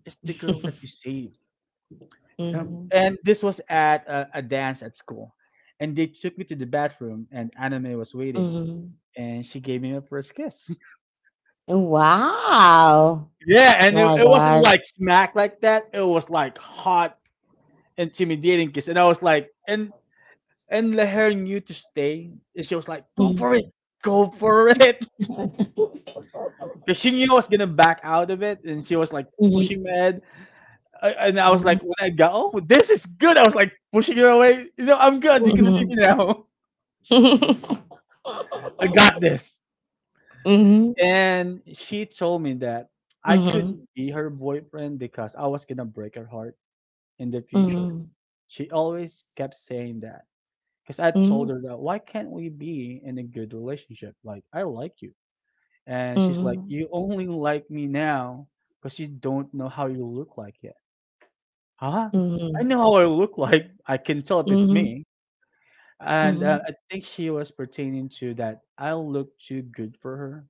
[SPEAKER 2] It's the girl that you saved.
[SPEAKER 1] Mhm.
[SPEAKER 2] And this was at a dance at school, and they took me to the bathroom, and anime was waiting,
[SPEAKER 1] Mhm.
[SPEAKER 2] and she gave me my first kiss.
[SPEAKER 1] Wow!
[SPEAKER 2] Yeah, and
[SPEAKER 1] My
[SPEAKER 2] it wasn't
[SPEAKER 1] gosh.
[SPEAKER 2] like smack like that. It was like hot, intimidating kiss, and I was like, and Leher knew to stay. And she was like, go for it.
[SPEAKER 1] Mhm.
[SPEAKER 2] Go for it. Because she knew I was going to back out of it. And she was like pushing my head. And I was like,
[SPEAKER 1] Mhm.
[SPEAKER 2] when I got, oh, this is good. I was like pushing her away. No, I'm good. You can leave
[SPEAKER 1] Mhm.
[SPEAKER 2] me now. I got this.
[SPEAKER 1] Mhm.
[SPEAKER 2] And she told me that I couldn't be her boyfriend because I was going to break her heart in the
[SPEAKER 1] Mhm.
[SPEAKER 2] future.
[SPEAKER 1] Mhm.
[SPEAKER 2] She always kept saying that. Because I told her that, why can't we be in a good relationship? Like, I like you. And she's like, "You only like me now because you don't know how you look like yet." Huh? I
[SPEAKER 1] Mhm.
[SPEAKER 2] know how I look like. I can tell if it's
[SPEAKER 1] Mhm.
[SPEAKER 2] me. And
[SPEAKER 1] Mhm.
[SPEAKER 2] I think she was pertaining to that I look too good for her,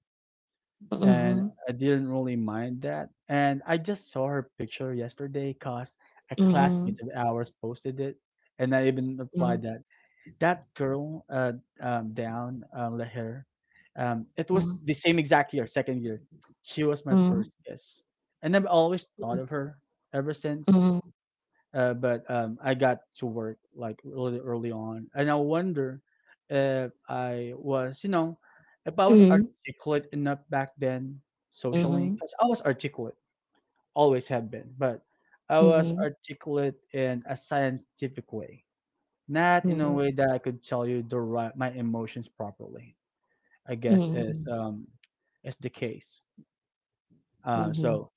[SPEAKER 2] and I didn't really mind that. And I just saw her picture yesterday because a
[SPEAKER 1] Mhm.
[SPEAKER 2] classmate of ours posted it, and I even replied that that girl down Leher, it was the same exact year, second year. She was my
[SPEAKER 1] Mhm. Mhm.
[SPEAKER 2] first kiss, and I've always thought of her ever since.
[SPEAKER 1] Mhm.
[SPEAKER 2] But I got to work like really early on, and I wonder if I was, you know, if I was articulate enough back then
[SPEAKER 1] Mhm. Mhm. Mhm. Mhm.
[SPEAKER 2] socially,
[SPEAKER 1] Mhm.
[SPEAKER 2] because I was articulate, always have been, but I
[SPEAKER 1] Mhm.
[SPEAKER 2] was
[SPEAKER 1] Mhm.
[SPEAKER 2] articulate in a scientific way not in a way that I could tell you the right, my emotions properly. I guess
[SPEAKER 1] Mhm.
[SPEAKER 2] is the case.
[SPEAKER 1] Mhm.
[SPEAKER 2] Uh,
[SPEAKER 1] Mhm. Mhm.
[SPEAKER 2] so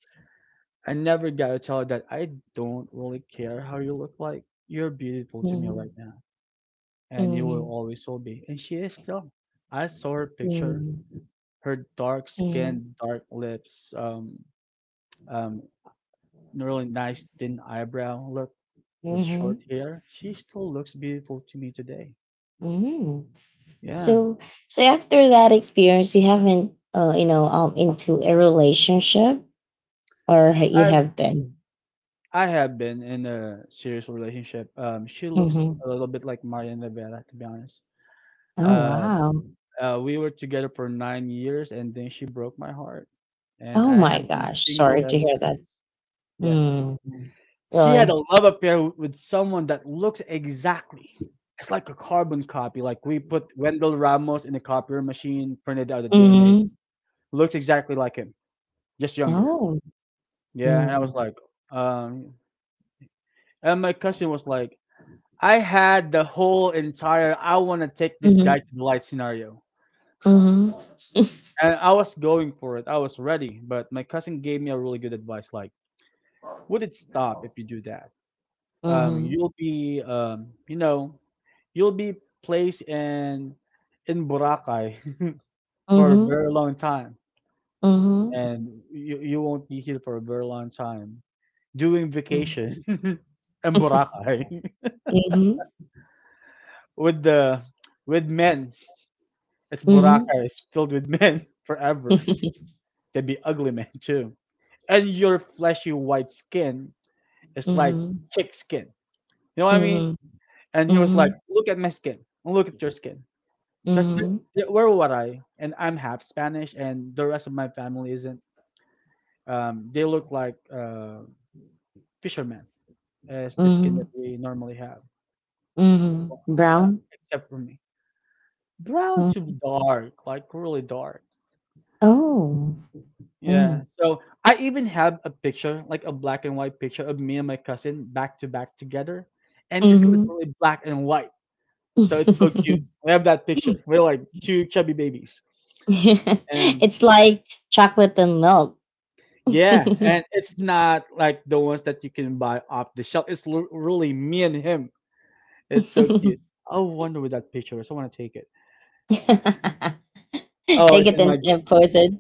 [SPEAKER 2] I never got to tell her that I don't really care how you look like. You're beautiful to me right
[SPEAKER 1] Mhm.
[SPEAKER 2] now, and you will
[SPEAKER 1] Mhm.
[SPEAKER 2] always will be. And she is still. I saw her picture,
[SPEAKER 1] Mm,
[SPEAKER 2] her dark
[SPEAKER 1] mm,
[SPEAKER 2] skin, dark lips, um, really nice thin eyebrow look with short
[SPEAKER 1] mhm,
[SPEAKER 2] hair. She still looks beautiful to me today.
[SPEAKER 1] mhm.
[SPEAKER 2] Yeah.
[SPEAKER 1] So, so after that experience, you haven't, you know, into a relationship, or ha- you
[SPEAKER 2] I
[SPEAKER 1] have been.
[SPEAKER 2] I have been in a serious relationship. She looks
[SPEAKER 1] Hmm.
[SPEAKER 2] a little bit like Marian Rivera, to be honest.
[SPEAKER 1] Oh
[SPEAKER 2] Uh,
[SPEAKER 1] wow!
[SPEAKER 2] we were together for 9 years, and then she broke my heart, and
[SPEAKER 1] Oh
[SPEAKER 2] I
[SPEAKER 1] my
[SPEAKER 2] have been
[SPEAKER 1] gosh! Sorry
[SPEAKER 2] single
[SPEAKER 1] to
[SPEAKER 2] ever
[SPEAKER 1] hear that.
[SPEAKER 2] since. Yeah,
[SPEAKER 1] Mm.
[SPEAKER 2] she had
[SPEAKER 1] Really?
[SPEAKER 2] a love affair with someone that looks exactly. It's like a carbon copy. Like we put Wendell Ramos in a copier machine, printed out the DNA.
[SPEAKER 1] Mm-hmm.
[SPEAKER 2] Looks exactly like him, just younger.
[SPEAKER 1] Oh.
[SPEAKER 2] Yeah, and I was
[SPEAKER 1] Mm.
[SPEAKER 2] like, um, and my cousin was like I had the whole entire I want to take this guy
[SPEAKER 1] Mm-hmm.
[SPEAKER 2] to the light scenario.
[SPEAKER 1] Mm-hmm.
[SPEAKER 2] And I was going for it. I was ready, but my cousin gave me a really good advice like, would it stop if you do that?
[SPEAKER 1] Mm-hmm.
[SPEAKER 2] You'll be you know, you'll be placed in Boracay for a
[SPEAKER 1] Mm-hmm.
[SPEAKER 2] very long time and you won't be here for a very long time doing
[SPEAKER 1] Mm-hmm.
[SPEAKER 2] vacation in Boracay
[SPEAKER 1] Mm-hmm.
[SPEAKER 2] with the with men. It's
[SPEAKER 1] Mm-hmm.
[SPEAKER 2] Boracay, it's filled with men forever. They'd be ugly men too. And your fleshy white skin is like
[SPEAKER 1] Mm-hmm.
[SPEAKER 2] chick skin. You know what I mean?
[SPEAKER 1] Mm-hmm.
[SPEAKER 2] And he was like, look at my skin. Look at your skin. Because
[SPEAKER 1] Mm-hmm.
[SPEAKER 2] where would I? And I'm half Spanish, and the rest of my family isn't. They look like fishermen, as the skin
[SPEAKER 1] Mm,
[SPEAKER 2] that we normally have,
[SPEAKER 1] mhm.
[SPEAKER 2] Well,
[SPEAKER 1] Brown?
[SPEAKER 2] except for me. Brown to
[SPEAKER 1] Mm.
[SPEAKER 2] dark, like really dark.
[SPEAKER 1] Oh. Mm.
[SPEAKER 2] Yeah. So I even have a picture, like a black and white picture of me and my cousin back to back together. And it's
[SPEAKER 1] Mhm.
[SPEAKER 2] literally black and white. So it's so cute. We have that picture. We're like two chubby babies. And
[SPEAKER 1] It's like chocolate and milk.
[SPEAKER 2] yeah, and it's not like the ones that you can buy off the shelf. It's really me and him. It's so cute. I wonder where that picture is. I want to take it. Oh,
[SPEAKER 1] Take
[SPEAKER 2] it's
[SPEAKER 1] it
[SPEAKER 2] in my gr-
[SPEAKER 1] and post it.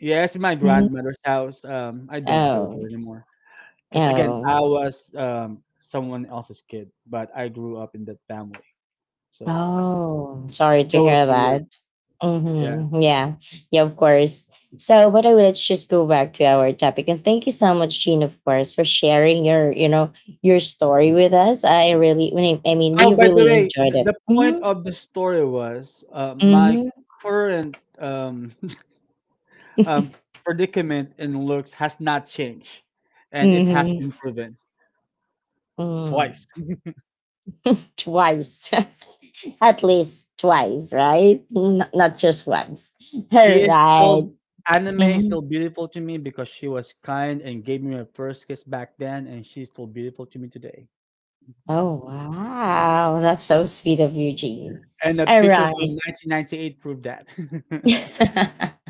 [SPEAKER 2] Yeah, it's in my
[SPEAKER 1] Mhm.
[SPEAKER 2] grandmother's house. I don't go there
[SPEAKER 1] Oh.
[SPEAKER 2] anymore. Because again, I
[SPEAKER 1] Oh.
[SPEAKER 2] was someone else's kid, but I grew up in that family, so
[SPEAKER 1] Oh. Sorry to
[SPEAKER 2] so it
[SPEAKER 1] hear
[SPEAKER 2] was weird.
[SPEAKER 1] that.
[SPEAKER 2] Yeah.
[SPEAKER 1] Mm-hmm. Yeah. Yeah, of course. So, but I will, let's just go back to our topic. And thank you so much, Jean, of course, for sharing your, you know, your story with us. I really, I mean, we
[SPEAKER 2] Oh, by the
[SPEAKER 1] really
[SPEAKER 2] way,
[SPEAKER 1] enjoyed it.
[SPEAKER 2] the point
[SPEAKER 1] Mm-hmm.
[SPEAKER 2] of the story was my
[SPEAKER 1] Mm-hmm.
[SPEAKER 2] current um, predicament in looks has not changed, and it has
[SPEAKER 1] Mm-hmm.
[SPEAKER 2] been proven
[SPEAKER 1] Mm.
[SPEAKER 2] twice.
[SPEAKER 1] Twice, at least twice, right? N- not just once. All
[SPEAKER 2] She is still
[SPEAKER 1] right.
[SPEAKER 2] Anime is
[SPEAKER 1] Mhm.
[SPEAKER 2] still beautiful to me because she was kind and gave me my first kiss back then, and she's still beautiful to me today.
[SPEAKER 1] Oh, wow. That's so sweet of you, Jean.
[SPEAKER 2] And a
[SPEAKER 1] All
[SPEAKER 2] picture from
[SPEAKER 1] right.
[SPEAKER 2] 1998 proved that.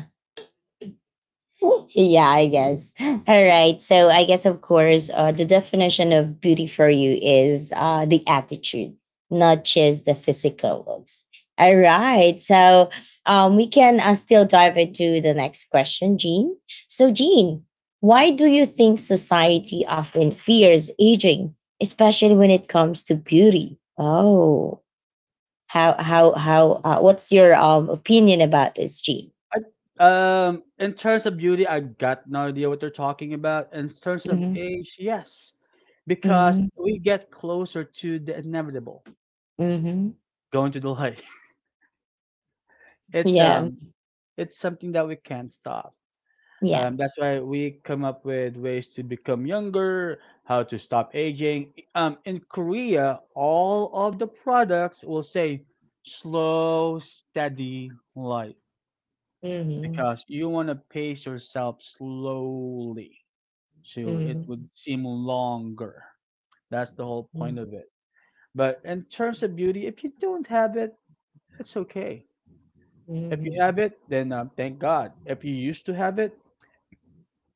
[SPEAKER 1] Yeah, I guess. All right. So I guess, of course, the definition of beauty for you is, the attitude, not just the physical looks. All right. So we can, still dive into the next question, Jean. So, Jean, why do you think society often fears aging, especially when it comes to beauty? Oh, how, what's your opinion about this, Jean?
[SPEAKER 2] I Um, in terms of beauty, I got no idea what they're talking about. In terms of
[SPEAKER 1] Hmm.
[SPEAKER 2] age, yes, because
[SPEAKER 1] Hmm.
[SPEAKER 2] we get closer to the inevitable,
[SPEAKER 1] Hmm.
[SPEAKER 2] going to the light. It's
[SPEAKER 1] Yeah.
[SPEAKER 2] um it's something that we can't stop.
[SPEAKER 1] Yeah.
[SPEAKER 2] That's why we come up with ways to become younger, how to stop aging. In Korea, all of the products will say slow, steady light
[SPEAKER 1] Mhm.
[SPEAKER 2] because you want to pace yourself slowly so it would
[SPEAKER 1] Mhm.
[SPEAKER 2] seem longer. That's the whole
[SPEAKER 1] Mhm.
[SPEAKER 2] point of it. But in terms of beauty, if you don't have it, it's okay. If you have it, then thank God. If you used to have it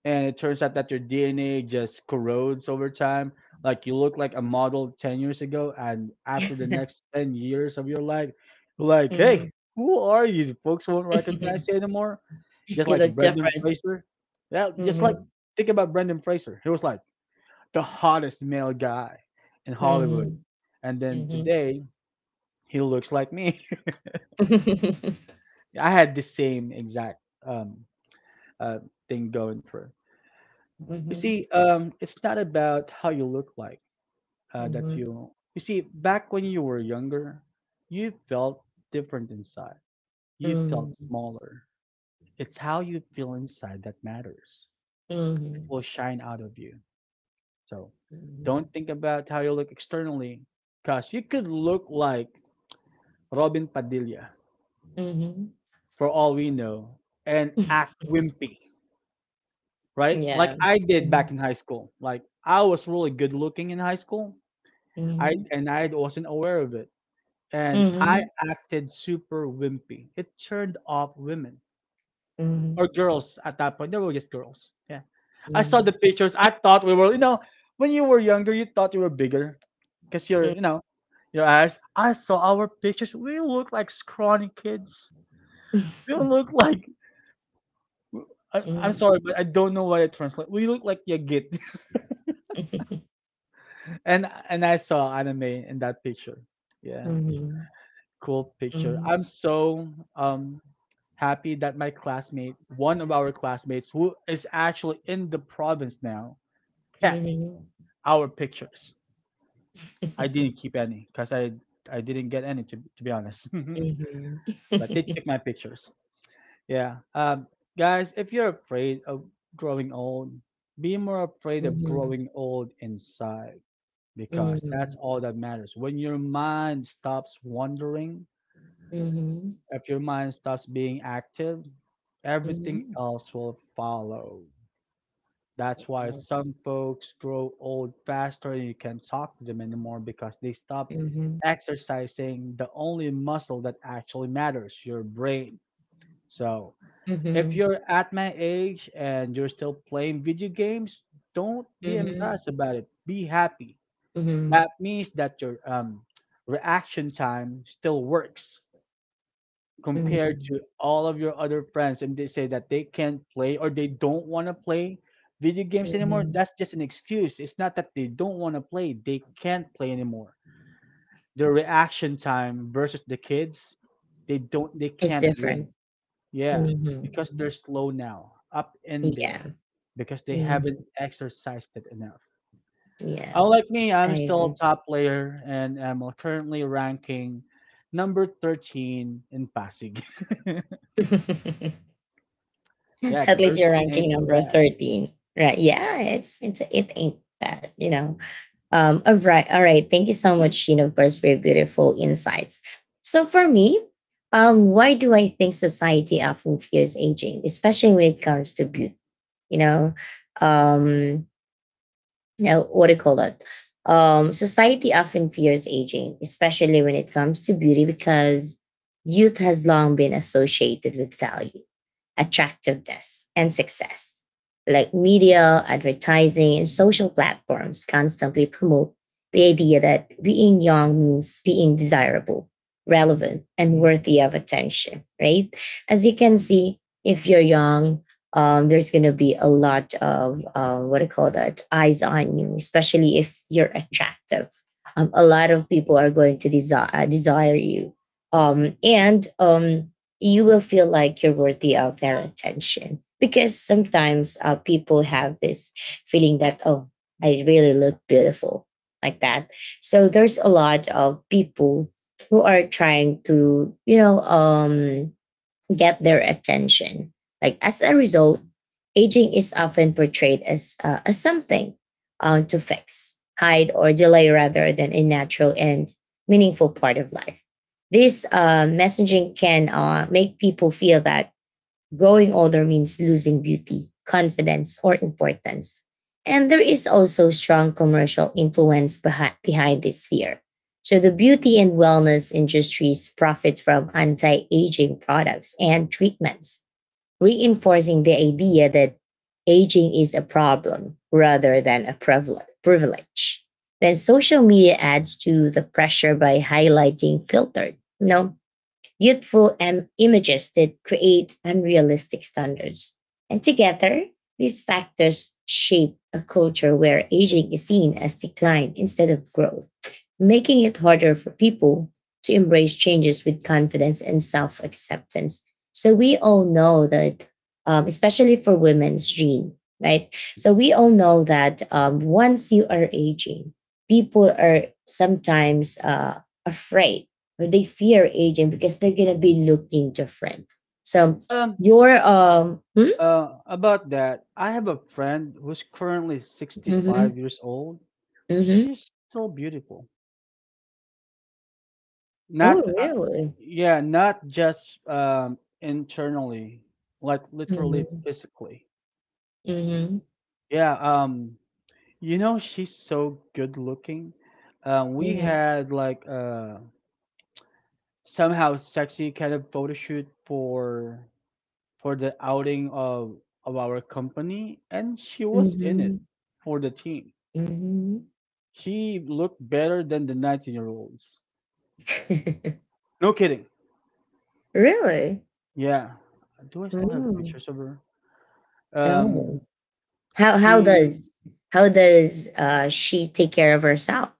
[SPEAKER 2] and it turns out that your DNA just corrodes over time, like you look like a model 10 years ago, and after the next 10 years of your life, you're like,
[SPEAKER 1] Mhm. Mhm.
[SPEAKER 2] hey, who are you? Folks won't recognize you anymore. Just
[SPEAKER 1] You
[SPEAKER 2] like
[SPEAKER 1] look
[SPEAKER 2] Brendan
[SPEAKER 1] different.
[SPEAKER 2] Fraser. Yeah, just like
[SPEAKER 1] Mhm.
[SPEAKER 2] think about Brendan Fraser. He was like, the hottest male guy in Hollywood.
[SPEAKER 1] Mhm.
[SPEAKER 2] And then
[SPEAKER 1] Mhm.
[SPEAKER 2] today, he looks like me. I had the same exact um, uh, thing going for. You
[SPEAKER 1] Mhm.
[SPEAKER 2] see, it's not about how you look like that
[SPEAKER 1] Mhm.
[SPEAKER 2] you. You see, back when you were younger, you felt different inside. You felt smaller. It's how you feel inside that matters. It
[SPEAKER 1] Mhm.
[SPEAKER 2] will shine out of you. So don't think about how you look externally, because you could look like Robin Padilla
[SPEAKER 1] Mhm. Mhm. Mhm.
[SPEAKER 2] for all we know, and act wimpy, right? Like
[SPEAKER 1] Yeah.
[SPEAKER 2] I did back
[SPEAKER 1] Mhm.
[SPEAKER 2] in high school. Like I was really good looking in high school.
[SPEAKER 1] Mhm.
[SPEAKER 2] I wasn't aware of it. And I acted super wimpy. It turned off women or
[SPEAKER 1] Mhm.
[SPEAKER 2] girls at that point. They were just girls. Yeah.
[SPEAKER 1] Mhm.
[SPEAKER 2] I saw the
[SPEAKER 1] Mhm.
[SPEAKER 2] pictures. I thought we were, you know, when you were younger, you thought you were bigger because you're, you know, your eyes. I saw our pictures. We look like scrawny kids. We look like I'm
[SPEAKER 1] Mhm.
[SPEAKER 2] sorry, but I don't know why I translate. We look like you and I saw anime in that picture. Yeah,
[SPEAKER 1] Mhm.
[SPEAKER 2] cool picture.
[SPEAKER 1] Mhm.
[SPEAKER 2] I'm so um happy that my classmate, one of our classmates, who is actually in the province now, kept
[SPEAKER 1] Mhm.
[SPEAKER 2] our pictures. I didn't keep any because I didn't get any to be honest,
[SPEAKER 1] Mhm.
[SPEAKER 2] but they took my pictures. Yeah, guys, if you're afraid of growing old, be more afraid of
[SPEAKER 1] Mhm.
[SPEAKER 2] growing old inside, because that's
[SPEAKER 1] Mhm.
[SPEAKER 2] all that matters. When your mind stops wandering,
[SPEAKER 1] Mhm. Mhm.
[SPEAKER 2] if your mind stops being active, everything
[SPEAKER 1] Mhm.
[SPEAKER 2] else will follow. That's why
[SPEAKER 1] Yes.
[SPEAKER 2] some folks grow old faster and you can't talk to them anymore because they stop
[SPEAKER 1] Mhm.
[SPEAKER 2] exercising the only muscle that actually matters, your brain. So, if
[SPEAKER 1] Mhm.
[SPEAKER 2] you're at my age and you're still playing video games, don't be
[SPEAKER 1] Mhm.
[SPEAKER 2] embarrassed about it. Be happy. That
[SPEAKER 1] Mhm.
[SPEAKER 2] means that your reaction time still works compared to
[SPEAKER 1] Mhm.
[SPEAKER 2] all of your other friends, and they say that they can't play or they don't want to play video games anymore.
[SPEAKER 1] Mhm.
[SPEAKER 2] That's just an excuse. It's not that they don't want to play; they can't play anymore. Their reaction time versus the kids, they
[SPEAKER 1] It's
[SPEAKER 2] can't win.
[SPEAKER 1] different.
[SPEAKER 2] Yeah, because
[SPEAKER 1] Mhm.
[SPEAKER 2] they're slow now, up in there,
[SPEAKER 1] Yeah.
[SPEAKER 2] because they
[SPEAKER 1] Mhm.
[SPEAKER 2] haven't exercised it enough.
[SPEAKER 1] Yeah.
[SPEAKER 2] Unlike me,
[SPEAKER 1] I
[SPEAKER 2] I'm still
[SPEAKER 1] agree.
[SPEAKER 2] a top player and am currently ranking number 13 in Pasig. Yeah,
[SPEAKER 1] At least you're
[SPEAKER 2] 13 ain't
[SPEAKER 1] ranking
[SPEAKER 2] so
[SPEAKER 1] number
[SPEAKER 2] bad.
[SPEAKER 1] 13. Right. Yeah, it's it ain't bad, you know. All right, all right. Thank you so much, Sheen, of course, for your beautiful insights. So for me, why do I think society often fears aging, especially when it comes to beauty? You know? Um Now what do you call that? Society often fears aging, especially when it comes to beauty, because youth has long been associated with value, attractiveness, and success. Like media, advertising, and social platforms constantly promote the idea that being young means being desirable, relevant, and worthy of attention, right? As you can see, if you're young, there's going to be a lot of what do you call that, eyes on you, especially if you're attractive. A lot of people are going to desire you, and you will feel like you're worthy of their attention because sometimes, people have this feeling that, oh, I really look beautiful like that. So there's a lot of people who are trying to, get their attention. Like as a result, aging is often portrayed as something, to fix, hide, or delay rather than a natural and meaningful part of life. This, messaging can, make people feel that growing older means losing beauty, confidence, or importance. And there is also strong commercial influence behind, this fear. So the beauty and wellness industries profit from anti aging products and treatments, reinforcing the idea that aging is a problem rather than a privile- privilege. Then social media adds to the pressure by highlighting filtered, you know, youthful em- images that create unrealistic standards. And together, these factors shape a culture where aging is seen as decline instead of growth, making it harder for people to embrace changes with confidence and self acceptance. So we all know that, especially for women's, Gene, right? So we all know that once you are aging, people are sometimes, afraid, or they fear aging because they're gonna be looking different. So
[SPEAKER 2] Um,
[SPEAKER 1] your hmm.
[SPEAKER 2] about that, I have a friend who's currently 65
[SPEAKER 1] Hmm.
[SPEAKER 2] years old. She's still beautiful.
[SPEAKER 1] Oh
[SPEAKER 2] Not, uh,
[SPEAKER 1] really?
[SPEAKER 2] yeah, Not just internally, like literally
[SPEAKER 1] Hmm.
[SPEAKER 2] physically.
[SPEAKER 1] Hmm.
[SPEAKER 2] Yeah, she's so good looking. We
[SPEAKER 1] Hmm.
[SPEAKER 2] had like somehow sexy kind of photo shoot for the outing of our company, and she was in it for the team.
[SPEAKER 1] Hmm.
[SPEAKER 2] She looked better than the 19-year-olds. No kidding.
[SPEAKER 1] Really?
[SPEAKER 2] Yeah. Do I still have
[SPEAKER 1] Mm.
[SPEAKER 2] pictures of her? Um,
[SPEAKER 1] Oh. How how
[SPEAKER 2] she
[SPEAKER 1] does how does, uh, she take care of herself?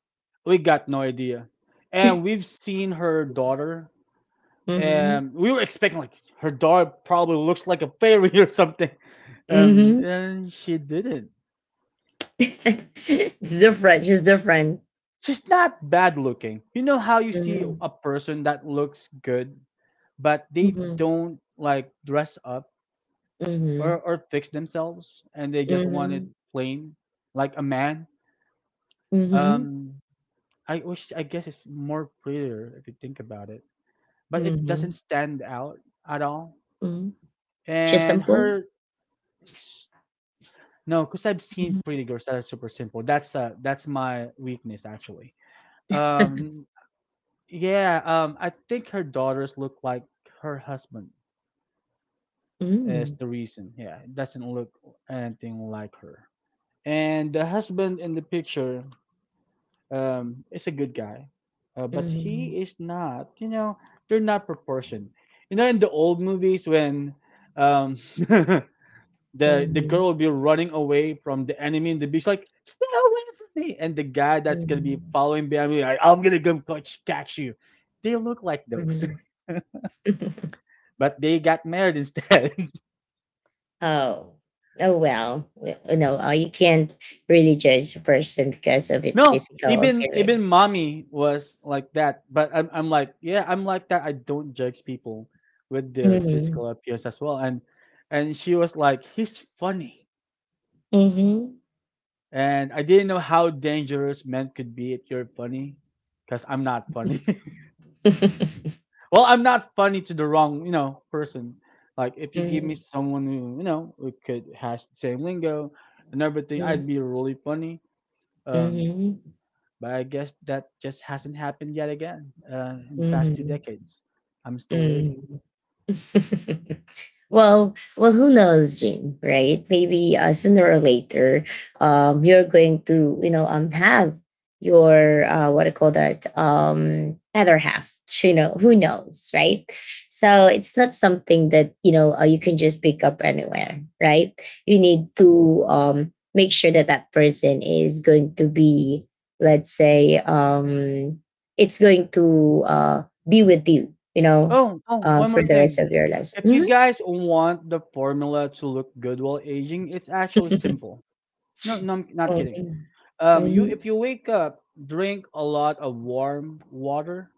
[SPEAKER 2] we got no idea. And we've seen her daughter,
[SPEAKER 1] Mm-hmm.
[SPEAKER 2] and we were expecting like her daughter probably looks like a fairy or something,
[SPEAKER 1] Mm-hmm.
[SPEAKER 2] and she didn't.
[SPEAKER 1] It's different. She's different.
[SPEAKER 2] She's not bad looking. You know how you see
[SPEAKER 1] Mm-hmm.
[SPEAKER 2] a person that looks good, but they
[SPEAKER 1] Mm-hmm.
[SPEAKER 2] don't like dress up
[SPEAKER 1] Mm-hmm.
[SPEAKER 2] or fix themselves, and they just want it
[SPEAKER 1] Mm-hmm.
[SPEAKER 2] plain, like a man.
[SPEAKER 1] Mm-hmm.
[SPEAKER 2] Um, I wish I guess it's more prettier if you think about it, but it
[SPEAKER 1] Mm-hmm.
[SPEAKER 2] doesn't stand out at all.
[SPEAKER 1] Mm-hmm. She's
[SPEAKER 2] And
[SPEAKER 1] simple.
[SPEAKER 2] her s- no, because I've seen
[SPEAKER 1] Mm-hmm.
[SPEAKER 2] pretty girls that are super simple. That's my weakness actually. Um yeah, I think her daughters look like her husband is the reason. Yeah, it doesn't look anything like her. And the husband in the picture is a good guy. But
[SPEAKER 1] Mm-hmm.
[SPEAKER 2] he is not, they're not proportioned. You know in the old movies when um the
[SPEAKER 1] Mm-hmm.
[SPEAKER 2] girl will be running away from the enemy in the beach, like stay away from me. And the guy that's gonna be
[SPEAKER 1] Mm-hmm.
[SPEAKER 2] following behind me, like I'm gonna come catch, catch you. They look like those,
[SPEAKER 1] Mm-hmm.
[SPEAKER 2] but they got married instead.
[SPEAKER 1] Oh, oh well, y- you know, you can't really judge a person because of its
[SPEAKER 2] No,
[SPEAKER 1] physical
[SPEAKER 2] even
[SPEAKER 1] appearance.
[SPEAKER 2] mommy was like that. But I'm like yeah, I'm like that. I don't judge people with their
[SPEAKER 1] Mm-hmm.
[SPEAKER 2] physical appearance as well. And she was like, he's funny.
[SPEAKER 1] Mm-hmm.
[SPEAKER 2] And I didn't know how dangerous men could be if you're funny, because I'm not funny. Well, I'm not funny to the wrong, person. Like if you give me
[SPEAKER 1] Mm-hmm.
[SPEAKER 2] someone who, who could has the same lingo and everything,
[SPEAKER 1] Mm-hmm.
[SPEAKER 2] I'd be really funny. Um,
[SPEAKER 1] Mm-hmm.
[SPEAKER 2] but I guess that just hasn't happened yet again in the past 2 decades. I'm still waiting.
[SPEAKER 1] Well, well, who knows, Jane? Right? Maybe, sooner or later, you're going to, you know, have your, what do call that? Other half. You know, who knows, right? So it's not something that, you know, you can just pick up anywhere, right? You need to, make sure that that person is going to be, let's say, it's going to, be with you, you know,
[SPEAKER 2] Oh, one
[SPEAKER 1] for
[SPEAKER 2] more
[SPEAKER 1] the rest
[SPEAKER 2] thing.
[SPEAKER 1] of your life.
[SPEAKER 2] If you guys want the formula to look good while aging, it's actually simple. No, no, I'm not kidding.
[SPEAKER 1] Mhm.
[SPEAKER 2] You if
[SPEAKER 1] Mhm.
[SPEAKER 2] you wake up, drink a lot of warm water.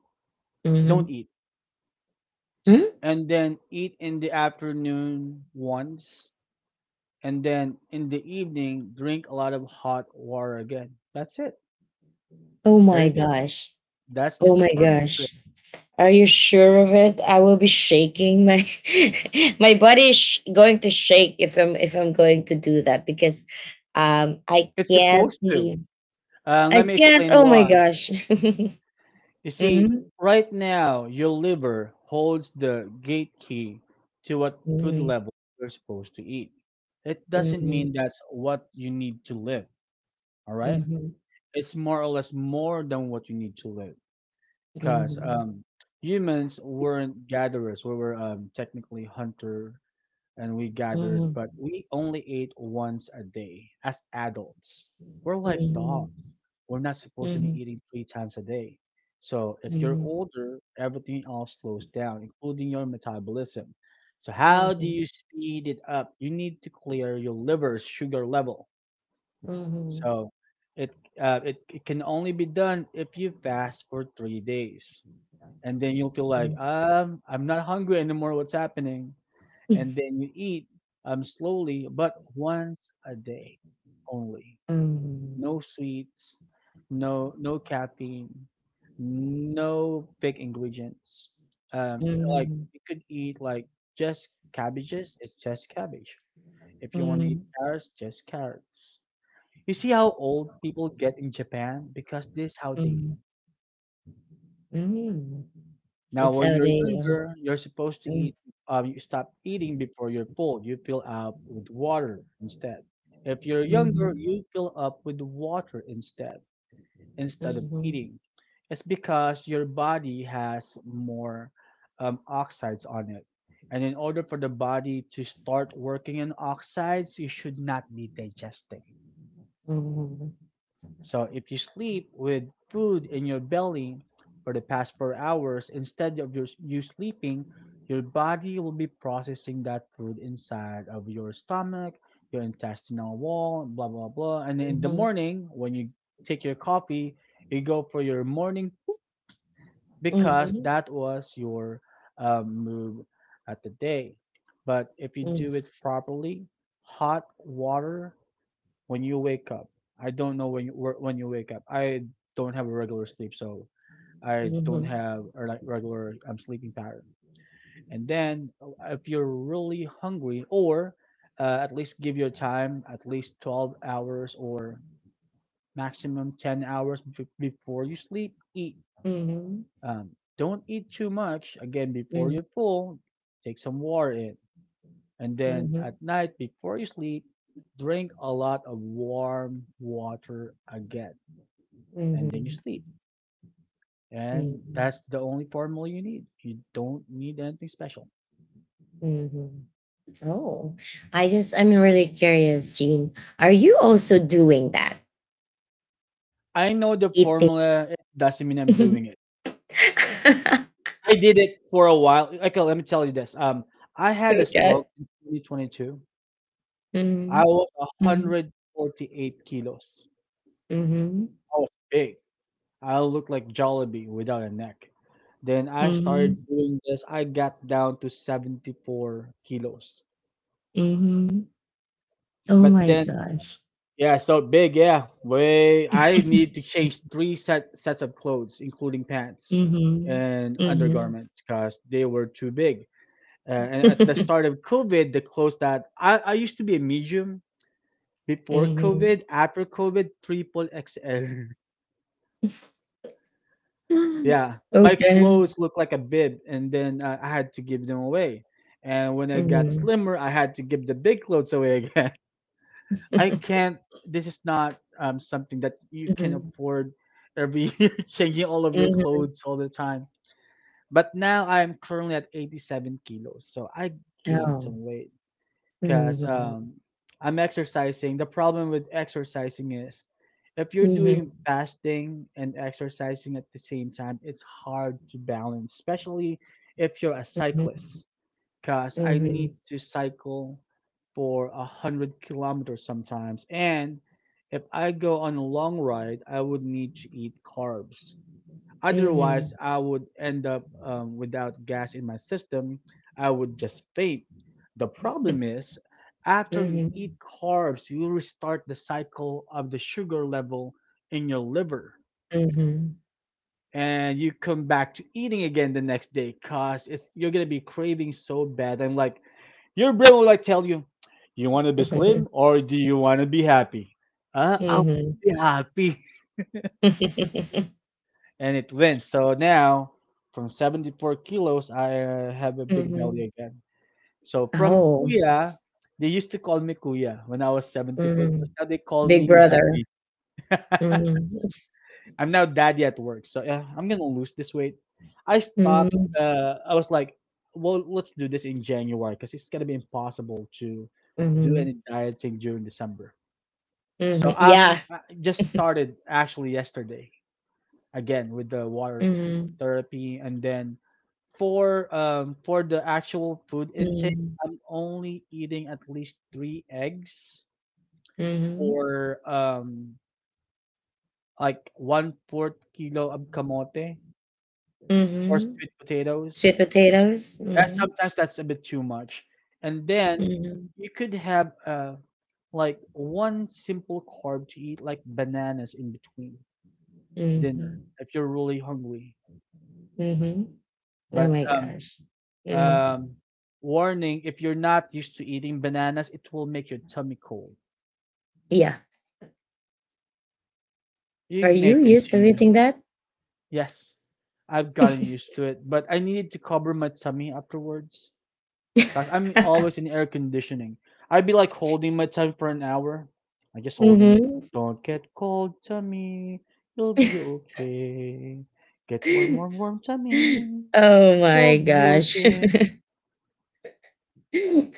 [SPEAKER 2] Don't
[SPEAKER 1] Mhm.
[SPEAKER 2] eat,
[SPEAKER 1] Hmm?
[SPEAKER 2] and then eat in the afternoon once, and then in the evening drink a lot of hot water again. That's it.
[SPEAKER 1] Oh
[SPEAKER 2] There
[SPEAKER 1] my
[SPEAKER 2] you go.
[SPEAKER 1] gosh.
[SPEAKER 2] That's
[SPEAKER 1] Oh
[SPEAKER 2] just a
[SPEAKER 1] my
[SPEAKER 2] formula to it.
[SPEAKER 1] gosh. Are you sure of it? I will be shaking. My my body is sh- going to shake if I'm going to do that because, I
[SPEAKER 2] It's
[SPEAKER 1] can't
[SPEAKER 2] supposed to.
[SPEAKER 1] leave. I
[SPEAKER 2] Let me
[SPEAKER 1] can't.
[SPEAKER 2] explain
[SPEAKER 1] Oh my
[SPEAKER 2] why.
[SPEAKER 1] gosh.
[SPEAKER 2] You see,
[SPEAKER 1] Mhm.
[SPEAKER 2] right now your liver holds the gate key to what food
[SPEAKER 1] Mhm.
[SPEAKER 2] level you're supposed to eat. It doesn't mean that's what you need to live. All right.
[SPEAKER 1] Mhm.
[SPEAKER 2] It's more or less more than what you need to live, because
[SPEAKER 1] Mhm.
[SPEAKER 2] humans weren't gatherers. We were technically hunter, and we gathered,
[SPEAKER 1] Mhm.
[SPEAKER 2] but we only ate once a day as adults. We're
[SPEAKER 1] Mhm.
[SPEAKER 2] like
[SPEAKER 1] Mhm.
[SPEAKER 2] dogs. We're not supposed to be
[SPEAKER 1] Mhm.
[SPEAKER 2] eating three times a day. So if you're
[SPEAKER 1] Mhm.
[SPEAKER 2] older, everything else slows down, including your metabolism. So how do you speed it up? You need to clear your liver's sugar level
[SPEAKER 1] Mhm.
[SPEAKER 2] so it uh, it it can only be done if you fast for 3 days, and then you'll feel like
[SPEAKER 1] Mhm.
[SPEAKER 2] I'm not hungry anymore. What's happening? And then you eat slowly, but once a day only.
[SPEAKER 1] Mhm.
[SPEAKER 2] No sweets, no caffeine, no big ingredients. Um,
[SPEAKER 1] Mhm.
[SPEAKER 2] like
[SPEAKER 1] Mhm.
[SPEAKER 2] you could eat like just cabbages. It's just cabbage. If you want to eat
[SPEAKER 1] Mm,
[SPEAKER 2] carrots, just carrots. You see how old people get in Japan because this how they.
[SPEAKER 1] mhm, mm.
[SPEAKER 2] Now,
[SPEAKER 1] It's
[SPEAKER 2] when
[SPEAKER 1] how
[SPEAKER 2] you're
[SPEAKER 1] they,
[SPEAKER 2] younger, you're supposed to
[SPEAKER 1] mm,
[SPEAKER 2] eat. You stop eating before you're full. You fill up with water instead. If you're younger,
[SPEAKER 1] mhm,
[SPEAKER 2] you fill up with water instead of
[SPEAKER 1] mhm,
[SPEAKER 2] eating. It's because your body has more oxides on it, and in order for the body to start working in oxides, you should not be digesting.
[SPEAKER 1] mhm. Mhm,
[SPEAKER 2] So if you sleep with food in your belly for the past 4 hours instead of you sleeping, your body will be processing that food inside of your stomach, your intestinal wall, blah blah blah. And in the morning, when you take your coffee, you go for your morning because
[SPEAKER 1] mhm,
[SPEAKER 2] that was your move at the day. But if you do it properly, hot water when you wake up. I don't know when you wake up. I don't have a regular sleep, so I don't have a like regular sleeping pattern. And then if you're really hungry, or at least give your time at least 12 hours or maximum 10 hours before you sleep. Eat.
[SPEAKER 1] mm, mhm,
[SPEAKER 2] Um, don't eat too much. Again, before you're full, take some water in. And
[SPEAKER 1] mhm,
[SPEAKER 2] then
[SPEAKER 1] mhm,
[SPEAKER 2] at night before you sleep, drink a lot of warm water again and then
[SPEAKER 1] mhm,
[SPEAKER 2] you sleep. And
[SPEAKER 1] mhm,
[SPEAKER 2] that's the only formula you need. You don't need anything special.
[SPEAKER 1] mhm, mhm. Oh, I just, I'm really curious, Jean. Are you also doing that?
[SPEAKER 2] I know the
[SPEAKER 1] Eating?
[SPEAKER 2] formula doesn't mean I'm doing it. I did it for a while. Okay, let me tell you this. I had a stroke
[SPEAKER 1] Okay.
[SPEAKER 2] in 2022.
[SPEAKER 1] Mm-hmm.
[SPEAKER 2] I was
[SPEAKER 1] Mm-hmm.
[SPEAKER 2] 148 kilos.
[SPEAKER 1] Mm-hmm.
[SPEAKER 2] I was big. I looked like Jollibee without a neck. Then I started doing this. I got down to 74 kilos.
[SPEAKER 1] Mm-hmm. Oh
[SPEAKER 2] But
[SPEAKER 1] my
[SPEAKER 2] then
[SPEAKER 1] gosh.
[SPEAKER 2] Yeah, so big, yeah. Way I need to change three sets of clothes, including pants
[SPEAKER 1] Mhm.
[SPEAKER 2] and
[SPEAKER 1] Mhm.
[SPEAKER 2] undergarments, because they were too big. And at the start of COVID, the clothes that I used to be a medium before
[SPEAKER 1] Mhm.
[SPEAKER 2] COVID, after COVID, triple XL. Yeah, my
[SPEAKER 1] Okay.
[SPEAKER 2] clothes looked like a bib, and then I had to give them away. And when I got
[SPEAKER 1] Mhm.
[SPEAKER 2] slimmer, I had to give the big clothes away again. I can't. This is not something that you can
[SPEAKER 1] Mhm.
[SPEAKER 2] afford every year, changing all of your
[SPEAKER 1] Mhm.
[SPEAKER 2] clothes all the time. But now I'm currently at 87 kilos, so I gained
[SPEAKER 1] Oh.
[SPEAKER 2] some weight because
[SPEAKER 1] Mhm.
[SPEAKER 2] I'm exercising. The problem with exercising is if you're doing
[SPEAKER 1] Mhm,
[SPEAKER 2] fasting and exercising at the same time, it's hard to balance, especially if you're a cyclist because I need
[SPEAKER 1] mhm,
[SPEAKER 2] to cycle for 100 kilometers sometimes. And if I go on a long ride, I would need to eat carbs. Otherwise,
[SPEAKER 1] mhm,
[SPEAKER 2] I would end up without gas in my system. I would just faint. The problem is, after
[SPEAKER 1] mhm,
[SPEAKER 2] you
[SPEAKER 1] mhm,
[SPEAKER 2] eat carbs, you restart the cycle of the sugar level in your liver.
[SPEAKER 1] mhm.
[SPEAKER 2] And you come back to eating again the next day because it's you're gonna be craving so bad. I'm like, your brain will like tell you, you want to be slim or do you want to be happy? I want to
[SPEAKER 1] Mhm.
[SPEAKER 2] be happy. And it wins. So now, from 74 kilos, I have a big belly
[SPEAKER 1] Mhm.
[SPEAKER 2] again. So from
[SPEAKER 1] Oh.
[SPEAKER 2] Kuya, they used to call me Kuya when I was 74 kilos.
[SPEAKER 1] Mhm.
[SPEAKER 2] Now they call
[SPEAKER 1] Big
[SPEAKER 2] me
[SPEAKER 1] brother.
[SPEAKER 2] Daddy.
[SPEAKER 1] Mhm.
[SPEAKER 2] I'm now Daddy at work. So yeah, I'm going to lose this weight. I stopped.
[SPEAKER 1] Mhm.
[SPEAKER 2] I was like, well, let's do this in January because it's going to be impossible to do any
[SPEAKER 1] Mhm.
[SPEAKER 2] dieting during December. So
[SPEAKER 1] Mhm. Yeah.
[SPEAKER 2] I'm I just started actually yesterday again with the
[SPEAKER 1] Mhm.
[SPEAKER 2] therapy, and then for the actual food intake,
[SPEAKER 1] Mhm.
[SPEAKER 2] I'm only eating at least three eggs
[SPEAKER 1] Mhm.
[SPEAKER 2] or like 1/4 kilo of kamote or
[SPEAKER 1] Mhm.
[SPEAKER 2] sweet potatoes.
[SPEAKER 1] Sweet potatoes.
[SPEAKER 2] That
[SPEAKER 1] Mhm.
[SPEAKER 2] sometimes that's a bit too much, and then
[SPEAKER 1] Mhm,
[SPEAKER 2] you could have like one simple carb to eat like bananas in between dinner
[SPEAKER 1] mhm,
[SPEAKER 2] if you're really hungry.
[SPEAKER 1] mhm. Oh
[SPEAKER 2] But
[SPEAKER 1] my gosh. Mm.
[SPEAKER 2] um, warning: if you're not used to eating bananas, it will make your tummy cold.
[SPEAKER 1] Yeah.
[SPEAKER 2] You
[SPEAKER 1] Are
[SPEAKER 2] may
[SPEAKER 1] you used to
[SPEAKER 2] continue.
[SPEAKER 1] eating that?
[SPEAKER 2] Yes, I've gotten used to it, but I needed to cover my tummy afterwards because I'm always in air conditioning. I'd be like holding my tummy for an hour. I just holding it.
[SPEAKER 1] hmm
[SPEAKER 2] Don't get cold, tummy. You'll be okay. Get warm, warm, warm, tummy.
[SPEAKER 1] oh
[SPEAKER 2] You'll
[SPEAKER 1] my
[SPEAKER 2] be
[SPEAKER 1] gosh.
[SPEAKER 2] okay.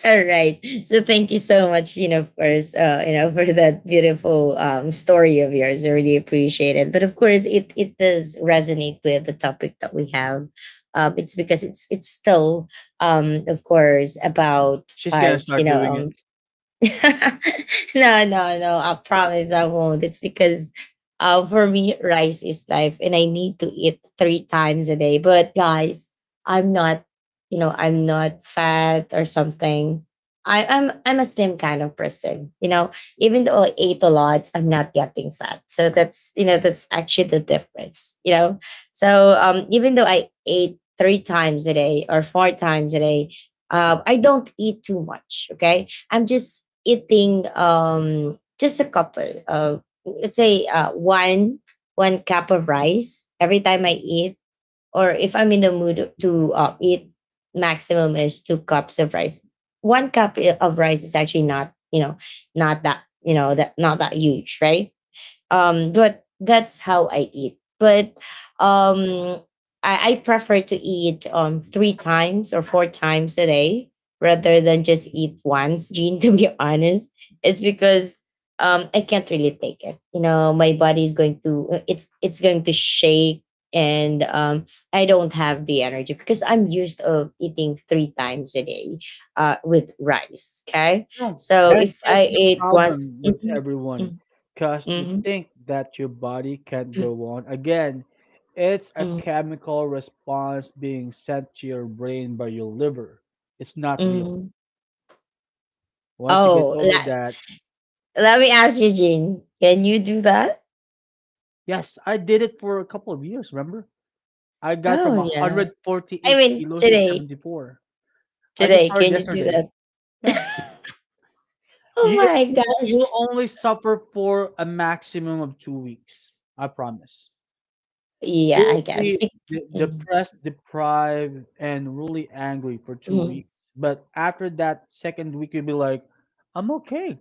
[SPEAKER 1] All right. So thank you so much, of course, for that beautiful story of yours. I really appreciate it. But of course it does resonate with the topic that we have. It's because it's still of course about
[SPEAKER 2] She's gonna
[SPEAKER 1] us,
[SPEAKER 2] start doing it.
[SPEAKER 1] no, no, no. I promise I won't. It's because for me, rice is life and I need to eat three times a day. But guys, I'm not, I'm not fat or something. I'm a slim kind of person, you know. Even though I ate a lot, I'm not getting fat. So that's that's actually the difference, you know. So even though I ate three times a day or four times a day, I don't eat too much. Okay, I'm just eating just a couple of, let's say, one cup of rice every time I eat, or if I'm in the mood to eat, maximum is two cups of rice. One cup of rice is actually not, not that, that not that huge, right? But that's how I eat. But um, I prefer to eat three times or four times a day rather than just eat once. Gene, to be honest, it's because I can't really take it. You know, my body is going to it's going to shake and I don't have the energy because I'm used of eating three times a day with rice. Okay.
[SPEAKER 2] No,
[SPEAKER 1] So
[SPEAKER 2] that's
[SPEAKER 1] if
[SPEAKER 2] just
[SPEAKER 1] I
[SPEAKER 2] the
[SPEAKER 1] ate once,
[SPEAKER 2] problem with
[SPEAKER 1] mhm,
[SPEAKER 2] everyone. Because you
[SPEAKER 1] mhm,
[SPEAKER 2] think that your body can't
[SPEAKER 1] mhm.
[SPEAKER 2] go on. Again, it's a
[SPEAKER 1] Mm,
[SPEAKER 2] chemical response being sent to your brain by your liver. It's not real.
[SPEAKER 1] mm.
[SPEAKER 2] Once you get
[SPEAKER 1] Oh,
[SPEAKER 2] over
[SPEAKER 1] let
[SPEAKER 2] that,
[SPEAKER 1] let me ask you, Jean. Can you do that?
[SPEAKER 2] yes, I did it for a couple of years, remember? I got
[SPEAKER 1] Oh
[SPEAKER 2] from
[SPEAKER 1] yeah. I
[SPEAKER 2] 148
[SPEAKER 1] mean,
[SPEAKER 2] kilos to
[SPEAKER 1] today,
[SPEAKER 2] 74. I just
[SPEAKER 1] today,
[SPEAKER 2] started
[SPEAKER 1] can you do
[SPEAKER 2] yesterday. Yeah.
[SPEAKER 1] that? oh
[SPEAKER 2] You,
[SPEAKER 1] my
[SPEAKER 2] you'll
[SPEAKER 1] gosh!
[SPEAKER 2] you'll only suffer for a maximum of 2 weeks. I promise.
[SPEAKER 1] Yeah,
[SPEAKER 2] You
[SPEAKER 1] I
[SPEAKER 2] will
[SPEAKER 1] guess.
[SPEAKER 2] be
[SPEAKER 1] Be- mm,
[SPEAKER 2] depressed, deprived, and really angry for two
[SPEAKER 1] mm,
[SPEAKER 2] weeks. But after that second week, you'll be like, I'm okay.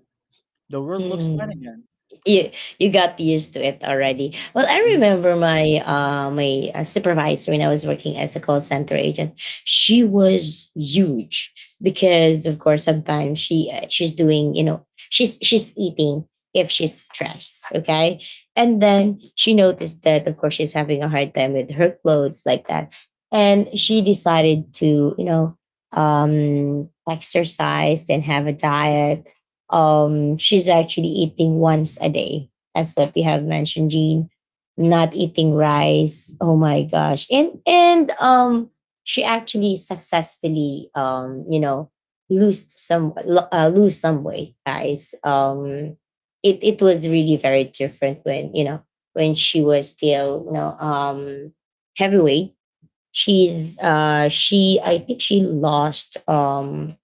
[SPEAKER 2] The world looks fine
[SPEAKER 1] mm.
[SPEAKER 2] again.
[SPEAKER 1] you you got used to it already. Well, I
[SPEAKER 2] Mhm.
[SPEAKER 1] remember my supervisor when I was working as a call center agent. She was huge because of course sometimes she she's doing, she's eating if she's stressed, okay. And then she noticed that of course she's having a hard time with her clothes like that, and she decided to, exercise and have a diet. She's actually eating once a day, as what we have mentioned, Jean, not eating rice. Oh my gosh. And she actually successfully, lose some lose some weight, guys. It was really very different when, you know, when she was still, you know, heavyweight. She I think she lost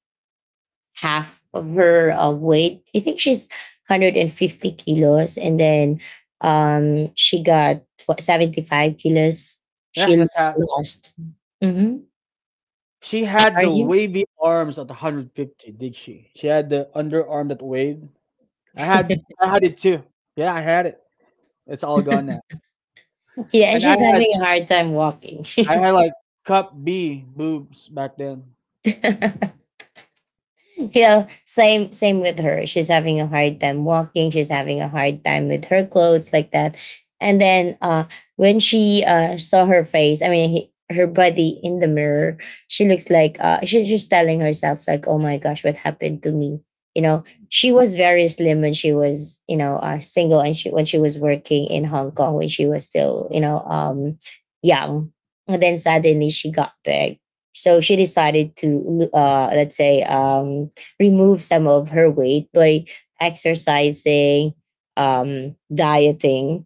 [SPEAKER 1] half of her weight. I think she's 150 kilos, and then she got what, 75 kilos.
[SPEAKER 2] Yeah,
[SPEAKER 1] She
[SPEAKER 2] that's how.
[SPEAKER 1] lost. Mm-hmm.
[SPEAKER 2] She had the
[SPEAKER 1] Sorry.
[SPEAKER 2] wavy arms at 150, did she? She had the underarm that waved. I had, I had it too. Yeah, I had it. It's all gone now.
[SPEAKER 1] yeah, and
[SPEAKER 2] And I
[SPEAKER 1] she's
[SPEAKER 2] had,
[SPEAKER 1] having a hard time walking.
[SPEAKER 2] I had like cup B boobs back then.
[SPEAKER 1] yeah, same with her. She's having a hard time walking, she's having a hard time with her clothes like that, and then when she saw her face, I mean her body in the mirror, she looks like, she's telling herself like, oh my gosh, what happened to me, you know. She was very slim when she was, single, and she when she was working in Hong Kong when she was still, young, and then suddenly she got big. So she decided to, let's say, remove some of her weight by exercising, dieting,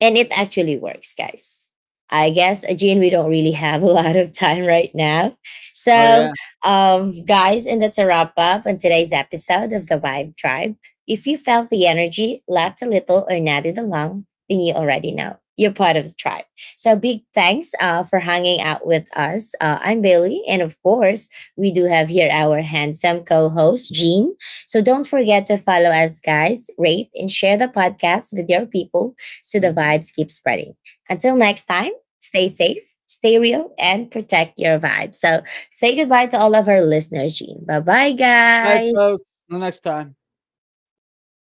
[SPEAKER 1] and it actually works, guys. I guess, Jean, we don't really have a lot of time right now.
[SPEAKER 2] Oh
[SPEAKER 1] So,
[SPEAKER 2] yeah.
[SPEAKER 1] guys, and that's a wrap up on today's episode of the Vibe Tribe. If you felt the energy, laughed a little, or nodded along, then you already know you're part of the tribe. So, big thanks for hanging out with us. I'm Bailey, and of course, we do have here our handsome co host, Jean. So, don't forget to follow us, guys, rate, and share the podcast with your people so the
[SPEAKER 2] Mhm.
[SPEAKER 1] vibes keep spreading. Until next time, stay safe, stay real, and protect your vibe. So say goodbye to all of our listeners, Gene. Bye bye,
[SPEAKER 2] Bye,
[SPEAKER 1] guys.
[SPEAKER 2] folks. Till next time.
[SPEAKER 1] Yeah.